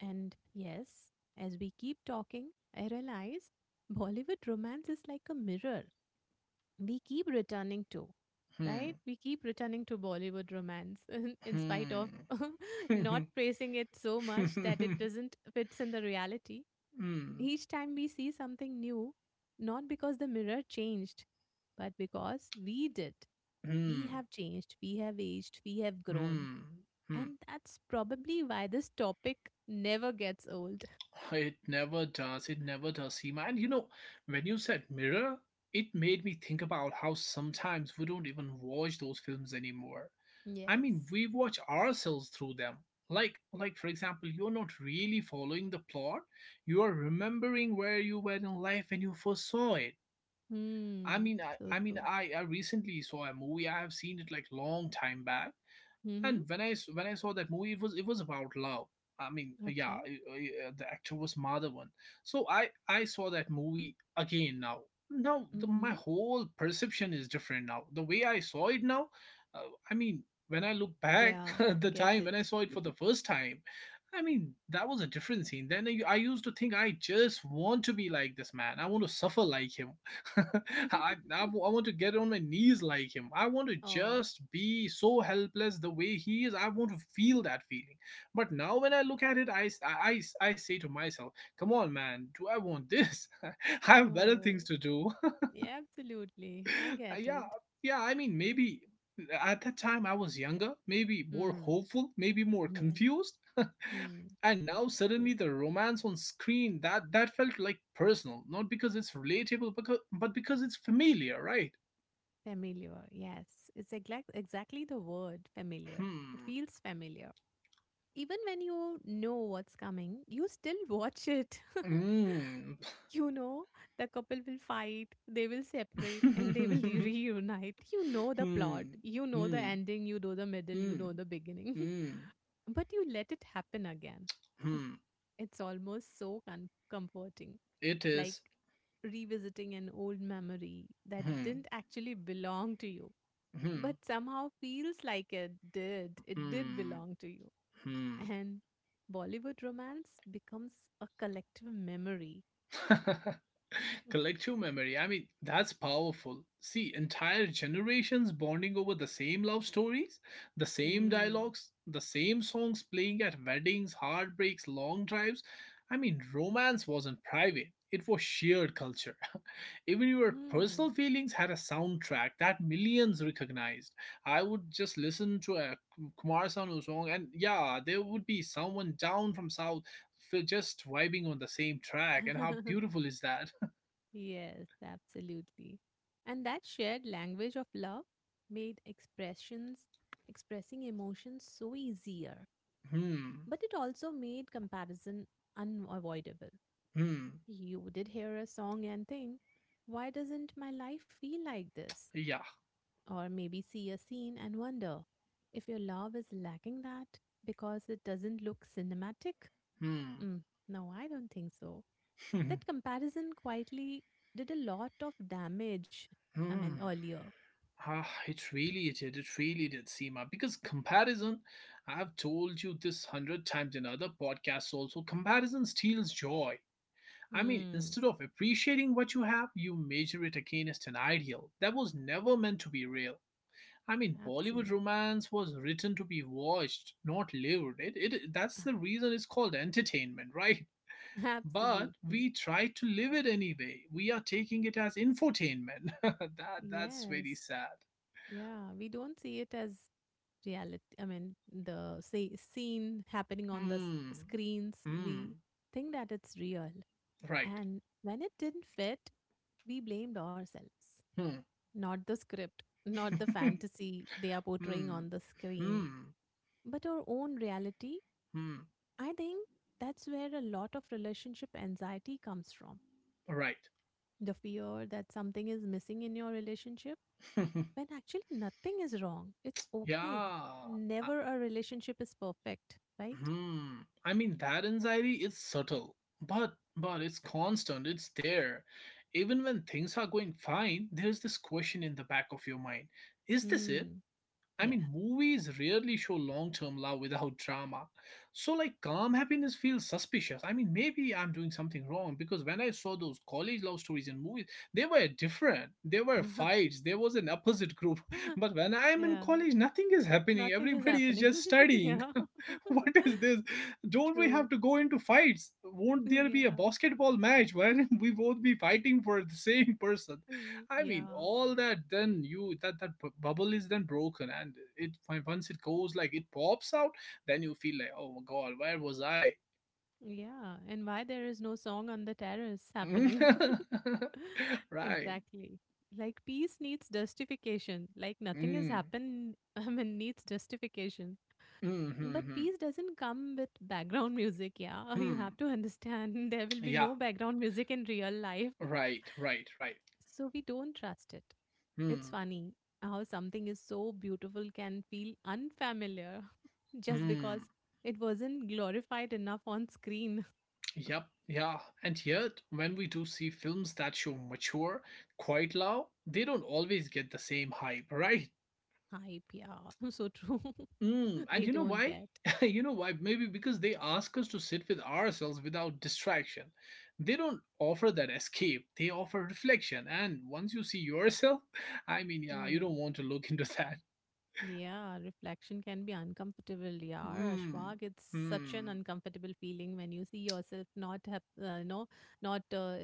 S2: And yes, as we keep talking, I realize Bollywood romance is like a mirror we keep returning to,
S1: Hmm,
S2: right? We keep returning to Bollywood romance in spite of
S1: hmm, hmm,
S2: not praising it so much that
S1: hmm,
S2: it doesn't fits in the reality. Each time we see something new, not because the mirror changed, but because we did. We
S1: hmm,
S2: have changed, we have aged, we have grown.
S1: hmm, hmm.
S2: And that's probably why this topic never gets old.
S1: It never does. It never does, Seema. And you know, when you said mirror, it made me think about how sometimes we don't even watch those films anymore. I mean,
S2: Yes.
S1: we watch ourselves through them. Like, like for example, you're not really following the plot. You are remembering where you were in life when you first saw it. I
S2: Hmm.
S1: mean, I,
S2: So
S1: I mean,
S2: true.
S1: I, I recently saw a movie. I have seen it like long time back, and
S2: Mm-hmm.
S1: when I s- when I saw that movie, it was it was about love. I mean, uh, yeah,
S2: Okay.
S1: i- uh, the actor was Madhavan. So I I saw that movie again now. Now the, my
S2: Mm-hmm.
S1: whole perception is different now. The way I saw it now, uh, I mean, when I look back
S2: Yeah,
S1: at
S2: I
S1: the
S2: get
S1: time when I
S2: it.
S1: saw it for the first time, I mean that was a different scene. Then I I used to think I just want to be like this man. I want to suffer like him. I I I want to get on my knees like him. I want to
S2: Oh,
S1: just be so helpless the way he is. I want to feel that feeling. But now when I look at it, I I I say to myself, come on, man, do I want this? I have better
S2: no.
S1: things to do.
S2: Yeah, absolutely. I
S1: Uh,
S2: get it.
S1: yeah, yeah. I mean, maybe at that time I was younger, maybe more
S2: Hmm.
S1: hopeful, maybe more
S2: Yes.
S1: confused.
S2: Hmm.
S1: And now
S2: True.
S1: suddenly the romance on screen that that felt like personal, not because it's relatable, because, but because it's familiar, right?
S2: Familiar. Yes. It's exact exactly the word familiar. It
S1: Hmm.
S2: feels familiar. Even when you know what's coming, you still watch it.
S1: Mm.
S2: You know, the couple will fight, they will separate, and they will re-
S1: hmm.
S2: reunite. You know the plot,
S1: Hmm.
S2: you know the ending, you know the middle, you
S1: Hmm.
S2: know the beginning,
S1: Hmm.
S2: but you let it happen again.
S1: Hmm.
S2: It's almost so con- comforting.
S1: It
S2: Like
S1: is.
S2: revisiting an old memory that
S1: Hmm.
S2: didn't actually belong to you,
S1: Hmm.
S2: but somehow feels like it did. It did
S1: Hmm.
S2: belong to you.
S1: Hmm.
S2: And Bollywood romance becomes a collective memory.
S1: Collective memory. I mean, that's powerful. See, entire generations bonding over the same love stories, the same
S2: Hmm.
S1: dialogues, the same songs playing at weddings, heartbreaks, long drives. I mean, romance wasn't private, it was shared culture. Even your personal
S2: Hmm.
S1: feelings had a soundtrack that millions recognized. I would just listen to a Kumar Sanu song, and yeah, there would be someone down from South we just vibing on the same track, and how beautiful is that?
S2: Yes, absolutely. And that shared language of love made expressions, expressing emotions so easier,
S1: Hmm.
S2: but it also made comparison unavoidable.
S1: Hmm.
S2: You did hear a song and think, why doesn't my life feel like this?
S1: Yeah.
S2: Or maybe see a scene and wonder if your love is lacking that because it doesn't look cinematic?
S1: Hmm.
S2: Mm, no, I don't think so. That comparison quietly did a lot of damage, I mean,
S1: hmm.
S2: earlier.
S1: Ah, it really did. It really did, Seema. Because comparison, I've told you this hundred times in other podcasts also, comparison steals joy. I mean,
S2: Hmm.
S1: instead of appreciating what you have, you measure it against an ideal that was never meant to be real. I mean, Bollywood
S2: Absolutely.
S1: romance was written to be watched, not lived. It, it that's the reason it's called entertainment, right? But
S2: Absolutely.
S1: we try to live it anyway. We are taking it as infotainment. That that's very
S2: Yes.
S1: sad.
S2: Yeah. We don't see it as reality. I mean, the say, scene happening on the s-
S1: Hmm.
S2: screens,
S1: Hmm.
S2: we think that it's real.
S1: Right.
S2: And when it didn't fit, we blamed ourselves,
S1: Hmm.
S2: not the script, not the fantasy they are portraying
S1: hmm.
S2: on the screen,
S1: Hmm.
S2: but our own reality.
S1: Hmm.
S2: I think that's where a lot of relationship anxiety comes from.
S1: Right.
S2: The fear that something is missing in your relationship when actually nothing is wrong. It's okay.
S1: Yeah. Uh,
S2: Never a relationship is perfect, right?
S1: Hmm. I mean that anxiety is subtle, but but it's constant. It's there. Even when things are going fine, there's this question in the back of your mind. Is this it?
S2: Hmm.
S1: I
S2: Yeah.
S1: mean, movies rarely show long term love without drama. So, like, calm happiness feels suspicious. I mean, maybe I'm doing something wrong because when I saw those college love stories in movies, they were different. There were fights, there was an opposite group. But when I am in
S2: Yeah.
S1: college, nothing is happening.
S2: Nothing is
S1: Everybody is just
S2: happening.
S1: studying.
S2: Yeah.
S1: What is this? Don't we
S2: True.
S1: have to go into fights? Won't there be a
S2: Yeah.
S1: basketball match wherein we both be fighting for the same person?
S2: Y-
S1: I mean,
S2: Yeah.
S1: all that then you that that bu- bubble is then broken, and it when- once it goes like it pops out, then you feel like, oh my god, where was I?
S2: Yeah. And why there is no song on the terrace happening?
S1: Right.
S2: Exactly. Like peace needs justification. Like nothing has
S1: Mm.
S2: happened, I mean, needs justification.
S1: Mm-hmm. Hmm. hmm,
S2: But
S1: hmm.
S2: peace doesn't come with background music, yeah. You have
S1: Hmm.
S2: to understand there will be
S1: Yeah.
S2: no background music in real life.
S1: Right. Right. Right.
S2: So we don't trust it. It's
S1: Hmm.
S2: funny how something is so beautiful can feel unfamiliar just
S1: Hmm.
S2: because it wasn't glorified enough on screen.
S1: Yep, yeah. And yet, when we do see films that show mature, quite loud, they don't always get the same hype, right?
S2: Hype, yeah. So true.
S1: Mm,
S2: They
S1: and you know
S2: don't
S1: why?
S2: get.
S1: You know why? Maybe because they ask us to sit with ourselves without distraction. They don't offer that escape, they offer reflection. And once you see yourself, I mean, yeah, you
S2: Hmm.
S1: don't want to look into that.
S2: Yeah, reflection can be uncomfortable. Yeah, Ashwag,
S1: Mm,
S2: it's such an
S1: mm,
S2: uncomfortable feeling when you see yourself not have, uh, you know, not uh, uh,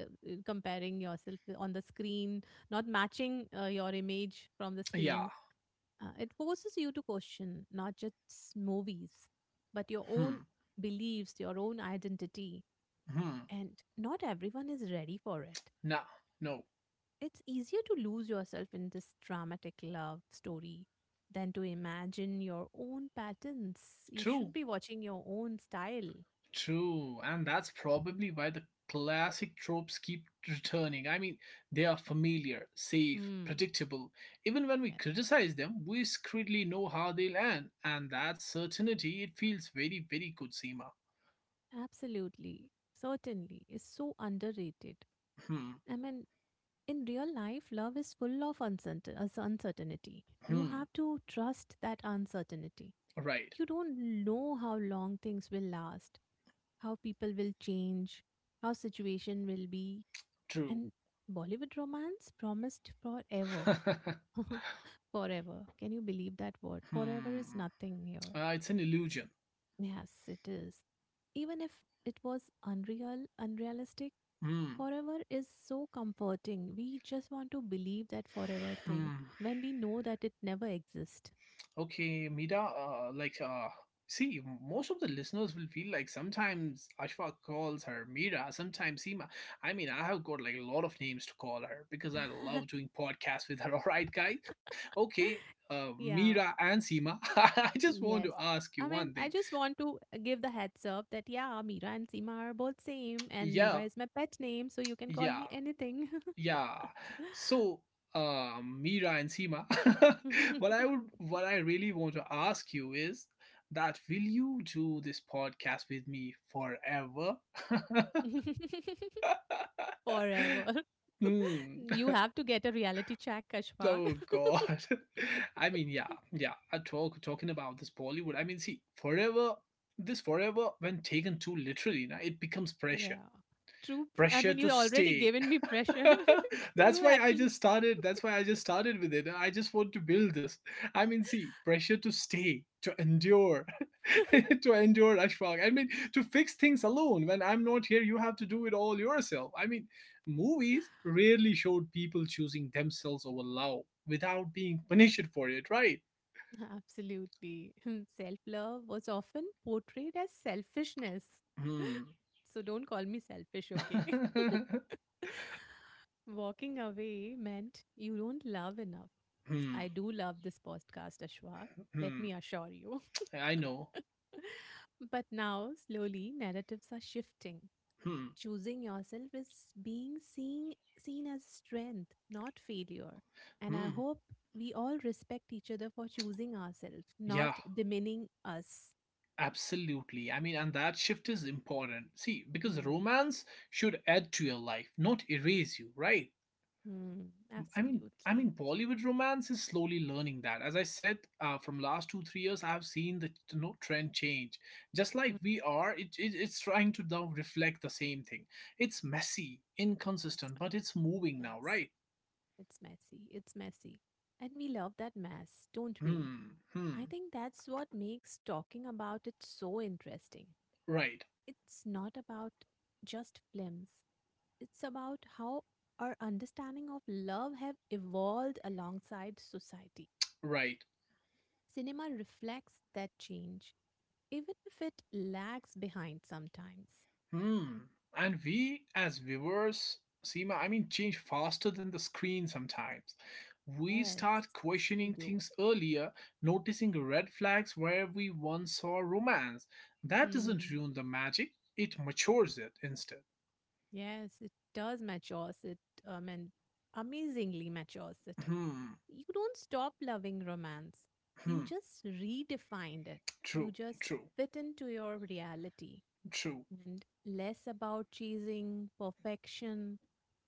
S2: comparing yourself on the screen, not matching uh, your image from the
S1: yeah,
S2: screen. Uh, it forces you to question not just movies, but your
S1: hmm,
S2: own beliefs, your own identity,
S1: hmm.
S2: and not everyone is ready for it.
S1: Nah, no,
S2: It's easier to lose yourself in this dramatic love story than to imagine your own patterns. You
S1: true.
S2: should be watching your own style.
S1: True, and that's probably why the classic tropes keep returning. I mean, they are familiar, safe,
S2: Hmm.
S1: predictable. Even when we
S2: Yeah,
S1: criticize them, we secretly know how they'll end, and that certainty it feels very, very good, Seema.
S2: absolutely. Certainly. It's so underrated.
S1: Hmm,
S2: I mean, in real life, love is full of uncertain- us- uncertainty. You
S1: hmm,
S2: have to trust that uncertainty.
S1: right,
S2: You don't know how long things will last, how people will change, how situation will be.
S1: true.
S2: And Bollywood romance promised forever. Forever. Can you believe that word? Forever is
S1: hmm,
S2: nothing here.
S1: uh, it's an illusion.
S2: Yes, it is. Even if it was unreal, unrealistic,
S1: Hmm,
S2: forever is so comforting. We just want to believe that forever thing
S1: hmm.
S2: when we know that it never exists.
S1: Okay, Mira. uh, like, uh, see, most of the listeners will feel like sometimes Ashfaq calls her Mira, sometimes Seema. I mean, I have got like a lot of names to call her because I love doing podcasts with her. All right, guys. Okay, uh, Mira
S2: Yeah.
S1: and Seema. I just want to
S2: Yes.
S1: ask you
S2: I
S1: one
S2: mean,
S1: thing.
S2: I just want to give the heads up that yeah, Mira and Seema are both same, and Mira
S1: Yeah,
S2: is my pet name, so you can call
S1: yeah.
S2: me anything.
S1: Yeah. So, uh, Mira and Seema, what I would, what I really want to ask you is that will you do this podcast with me forever?
S2: Forever.
S1: Hmm.
S2: You have to get a reality check, Ashfaq.
S1: Oh God. I mean, yeah, yeah. I talk talking about this Bollywood. I mean, see, forever. This forever, when taken too literally, na, it becomes pressure.
S2: Yeah. True. Pr- I
S1: Pressure
S2: mean, you
S1: to
S2: already
S1: stay
S2: given me pressure.
S1: that's
S2: You
S1: why i
S2: actually.
S1: just started that's why I just started with it, I just want to build this, I mean see pressure to stay to endure to endure Ashfaq, I mean to fix things alone when I'm not here, you have to do it all yourself, I mean movies rarely showed people choosing themselves over love without being punished for it, right?
S2: Absolutely. Self love was often portrayed as selfishness.
S1: hmm
S2: So don't call me selfish, okay? Walking away meant you don't love enough. I
S1: hmm
S2: do love this podcast, Ashwak. Let
S1: hmm
S2: me assure you.
S1: I know.
S2: But now, slowly, narratives are shifting.
S1: hmm
S2: Choosing yourself is being seen, seen as strength, not failure. And I
S1: hmm
S2: hope we all respect each other for choosing ourselves,
S1: yeah.
S2: not demeaning us.
S1: Absolutely. I mean, and that shift is important. See, because
S2: Mm.
S1: romance should add to your life, not erase you, right?
S2: Mm.
S1: I mean, I mean,
S2: Absolutely.
S1: Bollywood romance is slowly learning that. As I said, uh, from last two three years, I've seen the you know, trend change. Just
S2: Mm.
S1: like we are, it, it it's trying to now reflect the same thing. It's messy,
S2: It's
S1: inconsistent,
S2: mess.
S1: but it's moving now,
S2: Yes,
S1: right?
S2: it's messy. It's messy. And we love that mess, don't we?
S1: Hmm. Hmm.
S2: I think that's what makes talking about it so interesting.
S1: Right.
S2: It's not about just films. It's about how our understanding of love have evolved alongside society.
S1: Right.
S2: Cinema reflects that change, even if it lags behind sometimes.
S1: Hmm. And we, as viewers, Seema, I mean, change faster than the screen sometimes. We start
S2: Yes, we
S1: questioning
S2: do.
S1: things earlier, noticing red flags where we once saw romance. That doesn't
S2: Hmm.
S1: ruin the magic, it matures it instead.
S2: Yes, it does matures it, um, and amazingly matures it.
S1: Hmm.
S2: You don't stop loving romance. You
S1: Hmm.
S2: just redefine it. You
S1: True.
S2: just
S1: True.
S2: fit into your reality
S1: True.
S2: and less about chasing perfection,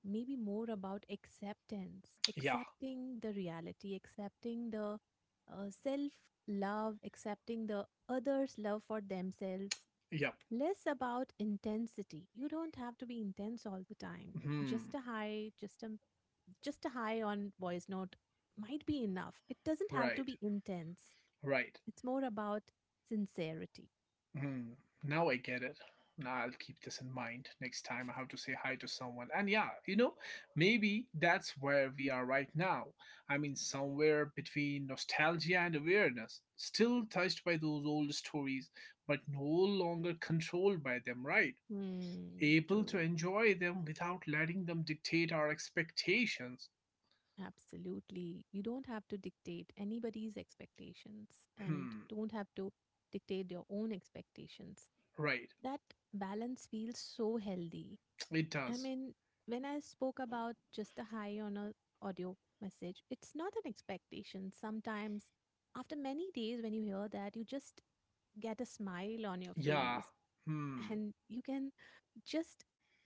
S2: maybe more about acceptance,
S1: Yeah.
S2: accepting the reality, accepting the uh, self love, accepting the others' love for themselves,
S1: Yep.
S2: less about intensity. You don't have to be intense all the time.
S1: Hmm.
S2: Just a high, just a just a high on voice note might be enough. It doesn't have to
S1: Right.
S2: be intense.
S1: Right.
S2: It's more about sincerity.
S1: Hmm. Now I get it. Now I'll keep this in mind next time I have to say hi to someone. And yeah, you know, maybe that's where we are right now. I mean, somewhere between nostalgia and awareness, still touched by those old stories, but no longer controlled by them, right?
S2: Hmm,
S1: Able to
S2: true.
S1: enjoy them without letting them dictate our expectations.
S2: Absolutely. You don't have to dictate anybody's expectations and
S1: Hmm.
S2: don't have to dictate your own expectations.
S1: Right.
S2: That balance feels so healthy.
S1: It
S2: I
S1: does.
S2: mean, when I spoke about just a high on a audio message, it's not an expectation. Sometimes after many days when you hear that, you just get a smile on your
S1: Yeah.
S2: face
S1: Hmm.
S2: and you can just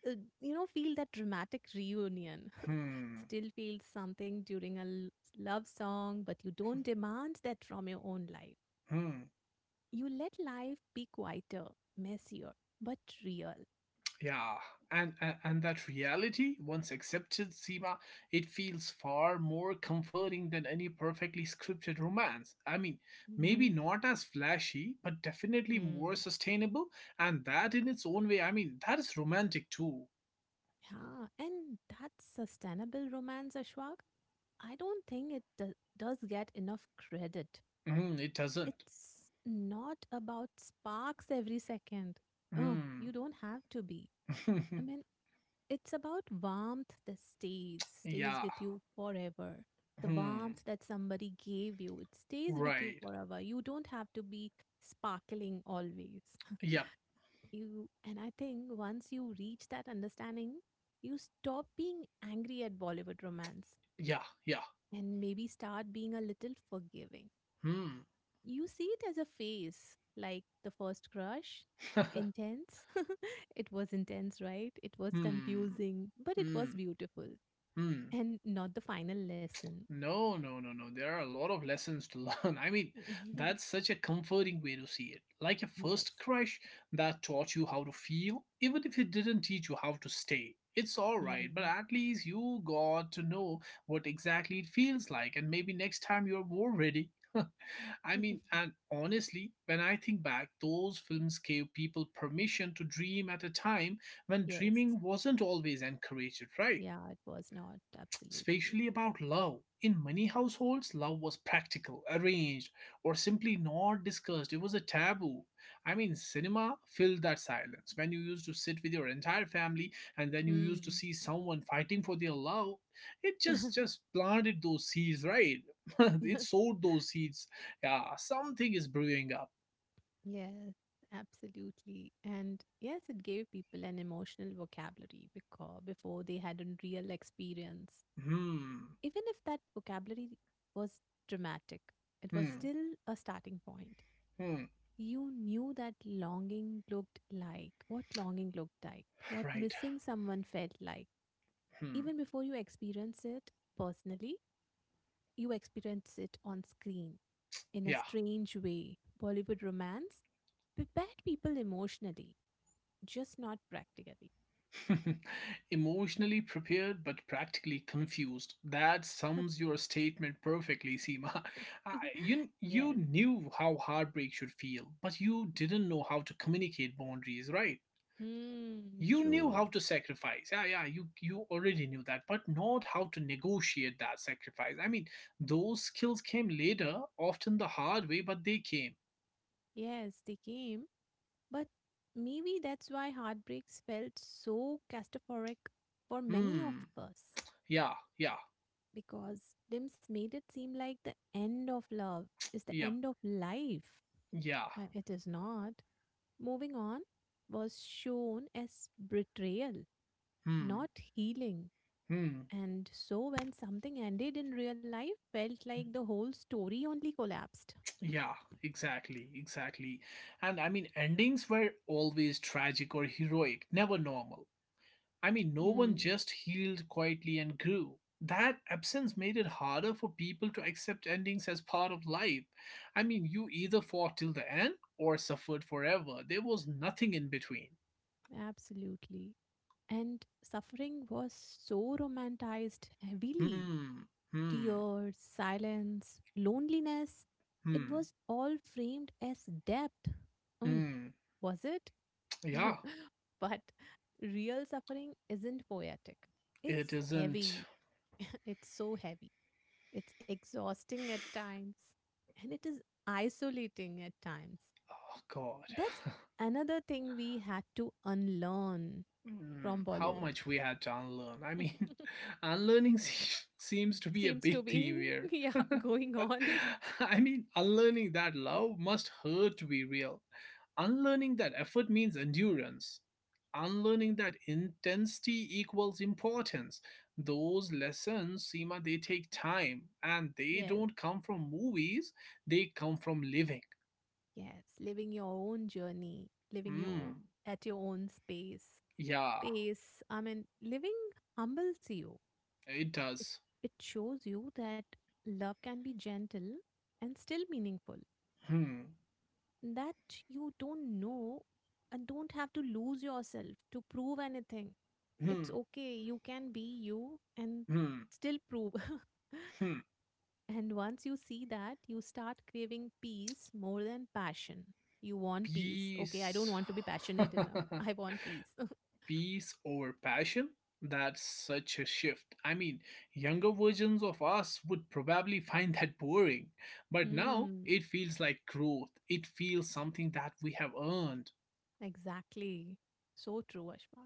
S2: uh, you know feel that dramatic reunion
S1: Hmm.
S2: still feel something during a l- love song, but you don't demand that from your own life.
S1: Hmm.
S2: You let life be quieter, messier, but real.
S1: Yeah, and, and and that reality, once accepted, Seema, it feels far more comforting than any perfectly scripted romance. I mean, maybe
S2: Hmm.
S1: not as flashy, but definitely more
S2: Hmm.
S1: sustainable, and that in its own way, I mean, that is romantic too.
S2: Yeah, and that sustainable romance, Ashwag. I don't think it do- does get enough credit.
S1: Mm, it doesn't.
S2: It's not about sparks every second. Oh,
S1: Mm.
S2: you don't have to be. I mean, it's about warmth that stays, stays
S1: Yeah.
S2: with you forever. The
S1: Hmm.
S2: warmth that somebody gave you, it stays with you
S1: Right.
S2: forever. You don't have to be sparkling always.
S1: Yep.
S2: You and I think once you reach that understanding, you stop being angry at Bollywood romance
S1: Yeah. Yeah.
S2: and maybe start being a little forgiving.
S1: Hmm.
S2: You see it as a phase, like the first crush, intense. It was intense, right? It was
S1: hmm.
S2: confusing, but it was
S1: Hmm.
S2: beautiful.
S1: Hmm.
S2: And not the final lesson.
S1: No, no, no, no. There are a lot of lessons to learn. I mean, that's such a comforting way to see it. Like a
S2: Yes.
S1: first crush that taught you how to feel, even if it didn't teach you how to stay. It's alright, but
S2: Mm.
S1: at least you got to know what exactly it feels like, and maybe next time you're more ready. I mean, and honestly, when I think back, those films gave people permission to dream at a time when
S2: Yes.
S1: dreaming wasn't always encouraged, right?
S2: Yeah, it was not. Absolutely.
S1: Especially about love. In many households, love was practical, arranged, or simply not discussed. It was a taboo. I mean, cinema filled that silence. When you used to sit with your entire family and then you used to
S2: Mm.
S1: see someone fighting for their love, it just just planted those seeds, right? It sowed those seeds. Yeah, something is brewing up.
S2: Yes, absolutely. And yes, it gave people an emotional vocabulary because before they had a real experience.
S1: Hmm,
S2: Even if that vocabulary was dramatic, it was
S1: hmm,
S2: still a starting point.
S1: hmm.
S2: You knew that longing looked like, What longing looked like, what
S1: Right.
S2: missing someone felt like
S1: Hmm.
S2: even before you experience it personally, you experience it on screen in a
S1: Yeah.
S2: strange way. Bollywood romance prepared people emotionally, just not practically.
S1: Emotionally prepared but practically confused. That sums your statement perfectly, Seema. I- You, you
S2: Yes.
S1: knew how heartbreak should feel, but you didn't know how to communicate boundaries, right?
S2: Hmm,
S1: You knew
S2: true.
S1: how to sacrifice. Yeah, yeah, you, you already knew that, but not how to negotiate that sacrifice. I mean, those skills came later, often the hard way, but they came.
S2: Yes, they came. But maybe that's why heartbreaks felt so castaphoric for many of
S1: Hmm.
S2: us.
S1: Yeah, yeah,
S2: Because films made it seem like the end of love is the
S1: yeah,
S2: end of life.
S1: yeah.
S2: Uh, it is not. Moving on was shown as betrayal,
S1: Hmm.
S2: not healing.
S1: Hmm.
S2: And so, when something ended in real life, felt like the whole story only collapsed.
S1: Yeah, exactly, exactly. And I mean, endings were always tragic or heroic, never normal. I mean, no one
S2: Hmm,
S1: just healed quietly and grew. That absence made it harder for people to accept endings as part of life. I mean, you either fought till the end or suffered forever. There was nothing in between.
S2: absolutely. And suffering was so romanticized heavily.
S1: Hmm, hmm,
S2: Tears, silence, loneliness. It
S1: hmm,
S2: was all framed as depth. Mm,
S1: hmm.
S2: was it?
S1: Yeah,
S2: But real suffering isn't poetic.
S1: it
S2: It's
S1: isn't.
S2: heavy, it's so heavy. It's exhausting at times and it is isolating at times.
S1: Oh, God.
S2: That's another thing we had to unlearn
S1: Mm,
S2: from
S1: how
S2: Bollywood.
S1: much we have to unlearn. I mean, unlearning se- seems to be a
S2: Seems to
S1: big theme
S2: be,
S1: here.
S2: yeah, going on.
S1: I mean, unlearning that love must hurt to be real. Unlearning that effort means endurance. Unlearning that intensity equals importance. Those lessons, Seema, they take time and they
S2: Yes,
S1: don't come from movies, they come from living.
S2: yes. Living your own journey, living your
S1: Mm,
S2: at your own space.
S1: yeah,
S2: Space. I mean, living humbles you.
S1: it
S2: It
S1: does.
S2: it shows you that love can be gentle and still meaningful.
S1: Hmm,
S2: That you don't know and don't have to lose yourself to prove anything. It's
S1: hmm,
S2: okay. You can be you and
S1: hmm,
S2: still prove.
S1: hmm.
S2: And once you see that, you start craving peace more than passion. You want peace. Okay, I don't
S1: Peace.
S2: want to be passionate enough. I want peace.
S1: Peace over passion? That's such a shift. I mean, younger versions of us would probably find that boring, but now
S2: Hmm.
S1: it feels like growth. It feels something that we have earned.
S2: Exactly. So true, Ashma.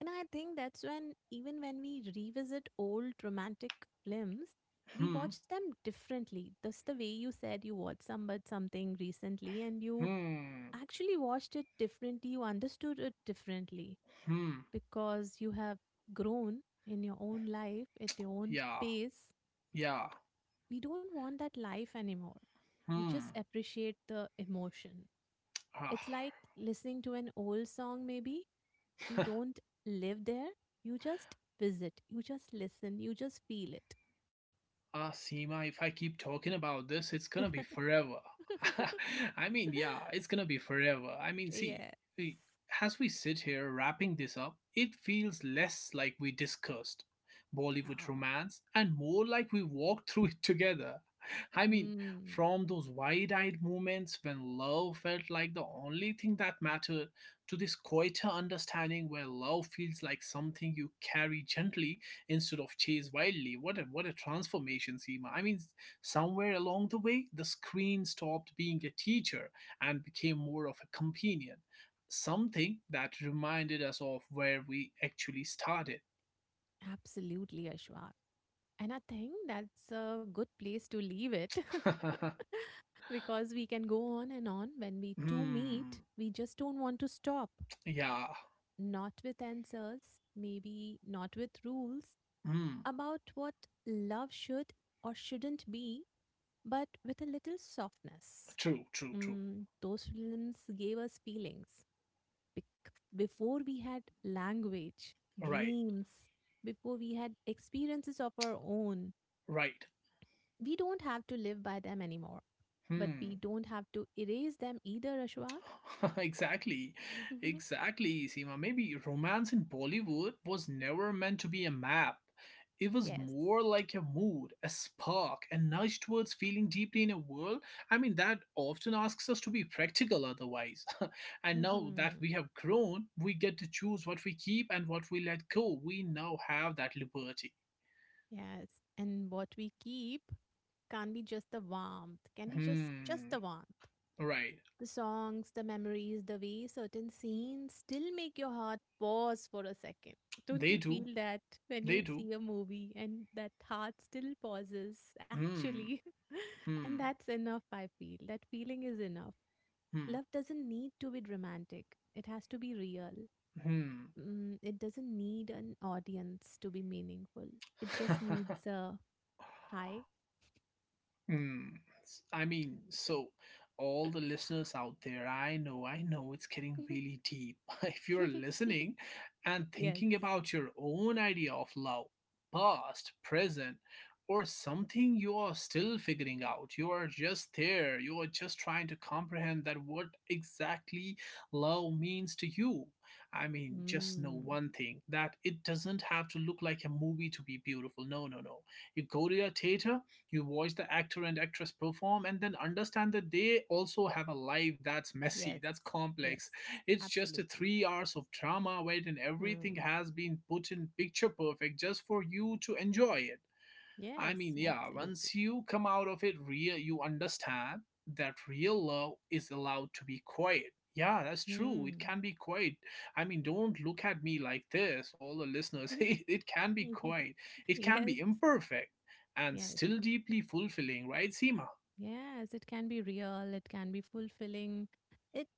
S2: And I think that's when, even when we revisit old romantic films, we
S1: Hmm,
S2: watch them differently. Just the way you said you watched some, but something recently and you
S1: hmm,
S2: actually watched it differently, you understood it differently
S1: hmm.
S2: because you have grown in your own life, at your own
S1: Yeah,
S2: pace.
S1: yeah,
S2: We don't want that life anymore. We just
S1: hmm.
S2: appreciate the emotion. It's
S1: Ah.
S2: like listening to an old song, maybe, you don't live there, you just visit, you just listen, you just feel it.
S1: Ah, Seema, if I keep talking about this, it's gonna be forever. I mean, yeah, it's gonna be forever. I mean, see,
S2: Yes.
S1: we, as we sit here wrapping this up, it feels less like we discussed Bollywood
S2: Yeah.
S1: romance and more like we walked through it together. I mean,
S2: Mm,
S1: from those wide eyed moments when love felt like the only thing that mattered to this quieter understanding where love feels like something you carry gently instead of chase wildly. What a what a transformation, Seema. I mean, somewhere along the way, the screen stopped being a teacher and became more of a companion. Something that reminded us of where we actually started.
S2: absolutely, Ashwak. And I think that's a good place to leave it because we can go on and on when we two meet.
S1: Hmm.
S2: We just don't want to stop.
S1: Yeah.
S2: Not with answers, maybe not with rules
S1: Hmm.
S2: about what love should or shouldn't be, but with a little softness.
S1: True. True. True.
S2: Mm, those films gave us feelings. Bec- Before we had language,
S1: Right.
S2: dreams, before we had experiences of our own,
S1: Right.
S2: we don't have to live by them anymore. But we
S1: Hmm.
S2: don't have to erase them either, Ashwag.
S1: Exactly, exactly, Seema. Maybe romance in Bollywood was never meant to be a map. It was
S2: Yes.
S1: more like a mood, a spark, a nudge towards feeling deeply in a world. I mean, that often asks us to be practical otherwise. And now that
S2: Hmm.
S1: we have grown, we get to choose what we keep and what we let go. We now have that liberty.
S2: Yes. And what we keep can't be just the warmth, can be just just
S1: Hmm.
S2: the warmth.
S1: Right.
S2: The songs, the memories, the way certain scenes still make your heart pause for a second. Don't
S1: They
S2: you
S1: do.
S2: feel that when
S1: They
S2: you
S1: do.
S2: see a movie and that heart still pauses,
S1: Hmm.
S2: actually? And
S1: Hmm.
S2: that's enough, I feel. That feeling is enough. Love doesn't need to be dramatic, it has to be real.
S1: Hmm.
S2: Mm, it doesn't need an audience to be meaningful, it just
S1: Hmm.
S2: needs a hi.
S1: Hmm. s- I mean, so all the listeners out there, I know, I know it's getting really deep. If you're listening and
S2: Yes.
S1: thinking about your own idea of love, past, present, or something you are still figuring out, you are just there, you are just trying to comprehend that what exactly love means to you. I mean, just know
S2: Mm.
S1: one thing that it doesn't have to look like a movie to be beautiful. No, no, no. You go to a theater, you watch the actor and actress perform and then understand that they also have a life that's messy,
S2: Yes,
S1: that's complex.
S2: yes,
S1: It's just a
S2: absolutely.
S1: three hours of drama wherein
S2: Hmm.
S1: everything has been put in picture perfect just for you to enjoy it. I mean,
S2: Yes,
S1: yeah,
S2: absolutely.
S1: once you come out of it real, you understand that real love is allowed to be quiet. Yeah, that's true. It
S2: Hmm.
S1: can be quiet. I mean, don't look at me like this, all the listeners. It, it can be
S2: Yeah.
S1: quiet. It can
S2: Yes.
S1: be imperfect and
S2: Yes.
S1: still deeply fulfilling, right, Seema?
S2: Yes, it can be real, it can be fulfilling, it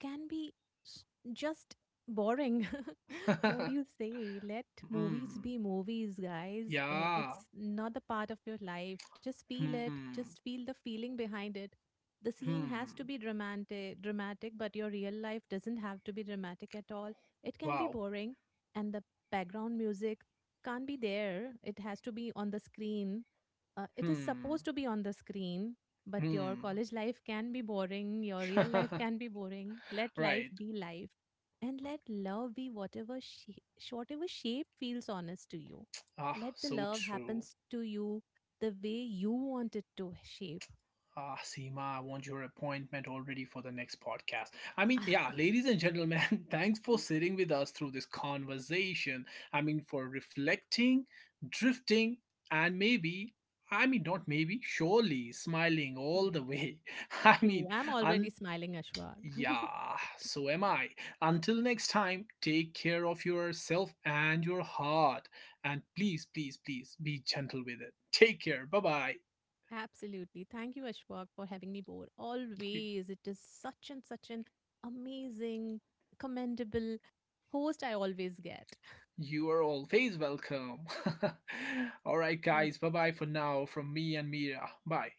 S2: can be s- just boring. What do you say? Let movies
S1: Mm,
S2: be movies, guys. Uh,
S1: yeah.
S2: It's not the part of your life. Just feel it,
S1: Hmm.
S2: just feel the feeling behind it. The scene has to
S1: Hmm.
S2: be dramatic, dramatic, but your real life doesn't have to be dramatic at all. It can be
S1: Wow.
S2: boring, and the background music can't be there. It has to be on the screen uh, it is
S1: Hmm.
S2: supposed to be on the screen but your
S1: Hmm.
S2: college life can be boring, your real life can be boring, let life
S1: Right.
S2: be life and let love be whatever she- whatever shape feels honest to you,
S1: Ah,
S2: let the
S1: so
S2: love
S1: true.
S2: happens to you the way you want it to shape.
S1: Ah, Seema, I want your appointment already for the next podcast. I mean, yeah, ladies and gentlemen, thanks for sitting with us through this conversation. I mean, for reflecting, drifting, and maybe, I mean, not maybe, surely smiling all
S2: Smiling,
S1: the way. I
S2: true,
S1: mean,
S2: I'm already
S1: and
S2: smiling, Ashwag.
S1: yeah, so am I. Until next time, take care of yourself and your heart. And please, please, please be gentle with it. Take care. Bye bye.
S2: Absolutely. Thank you, Ashwak, for having me board. Always. It is such and such an amazing, commendable host I always get.
S1: You are always welcome. All right,
S2: Thank
S1: guys. Bye
S2: you.
S1: bye for now from me and Mira. Bye.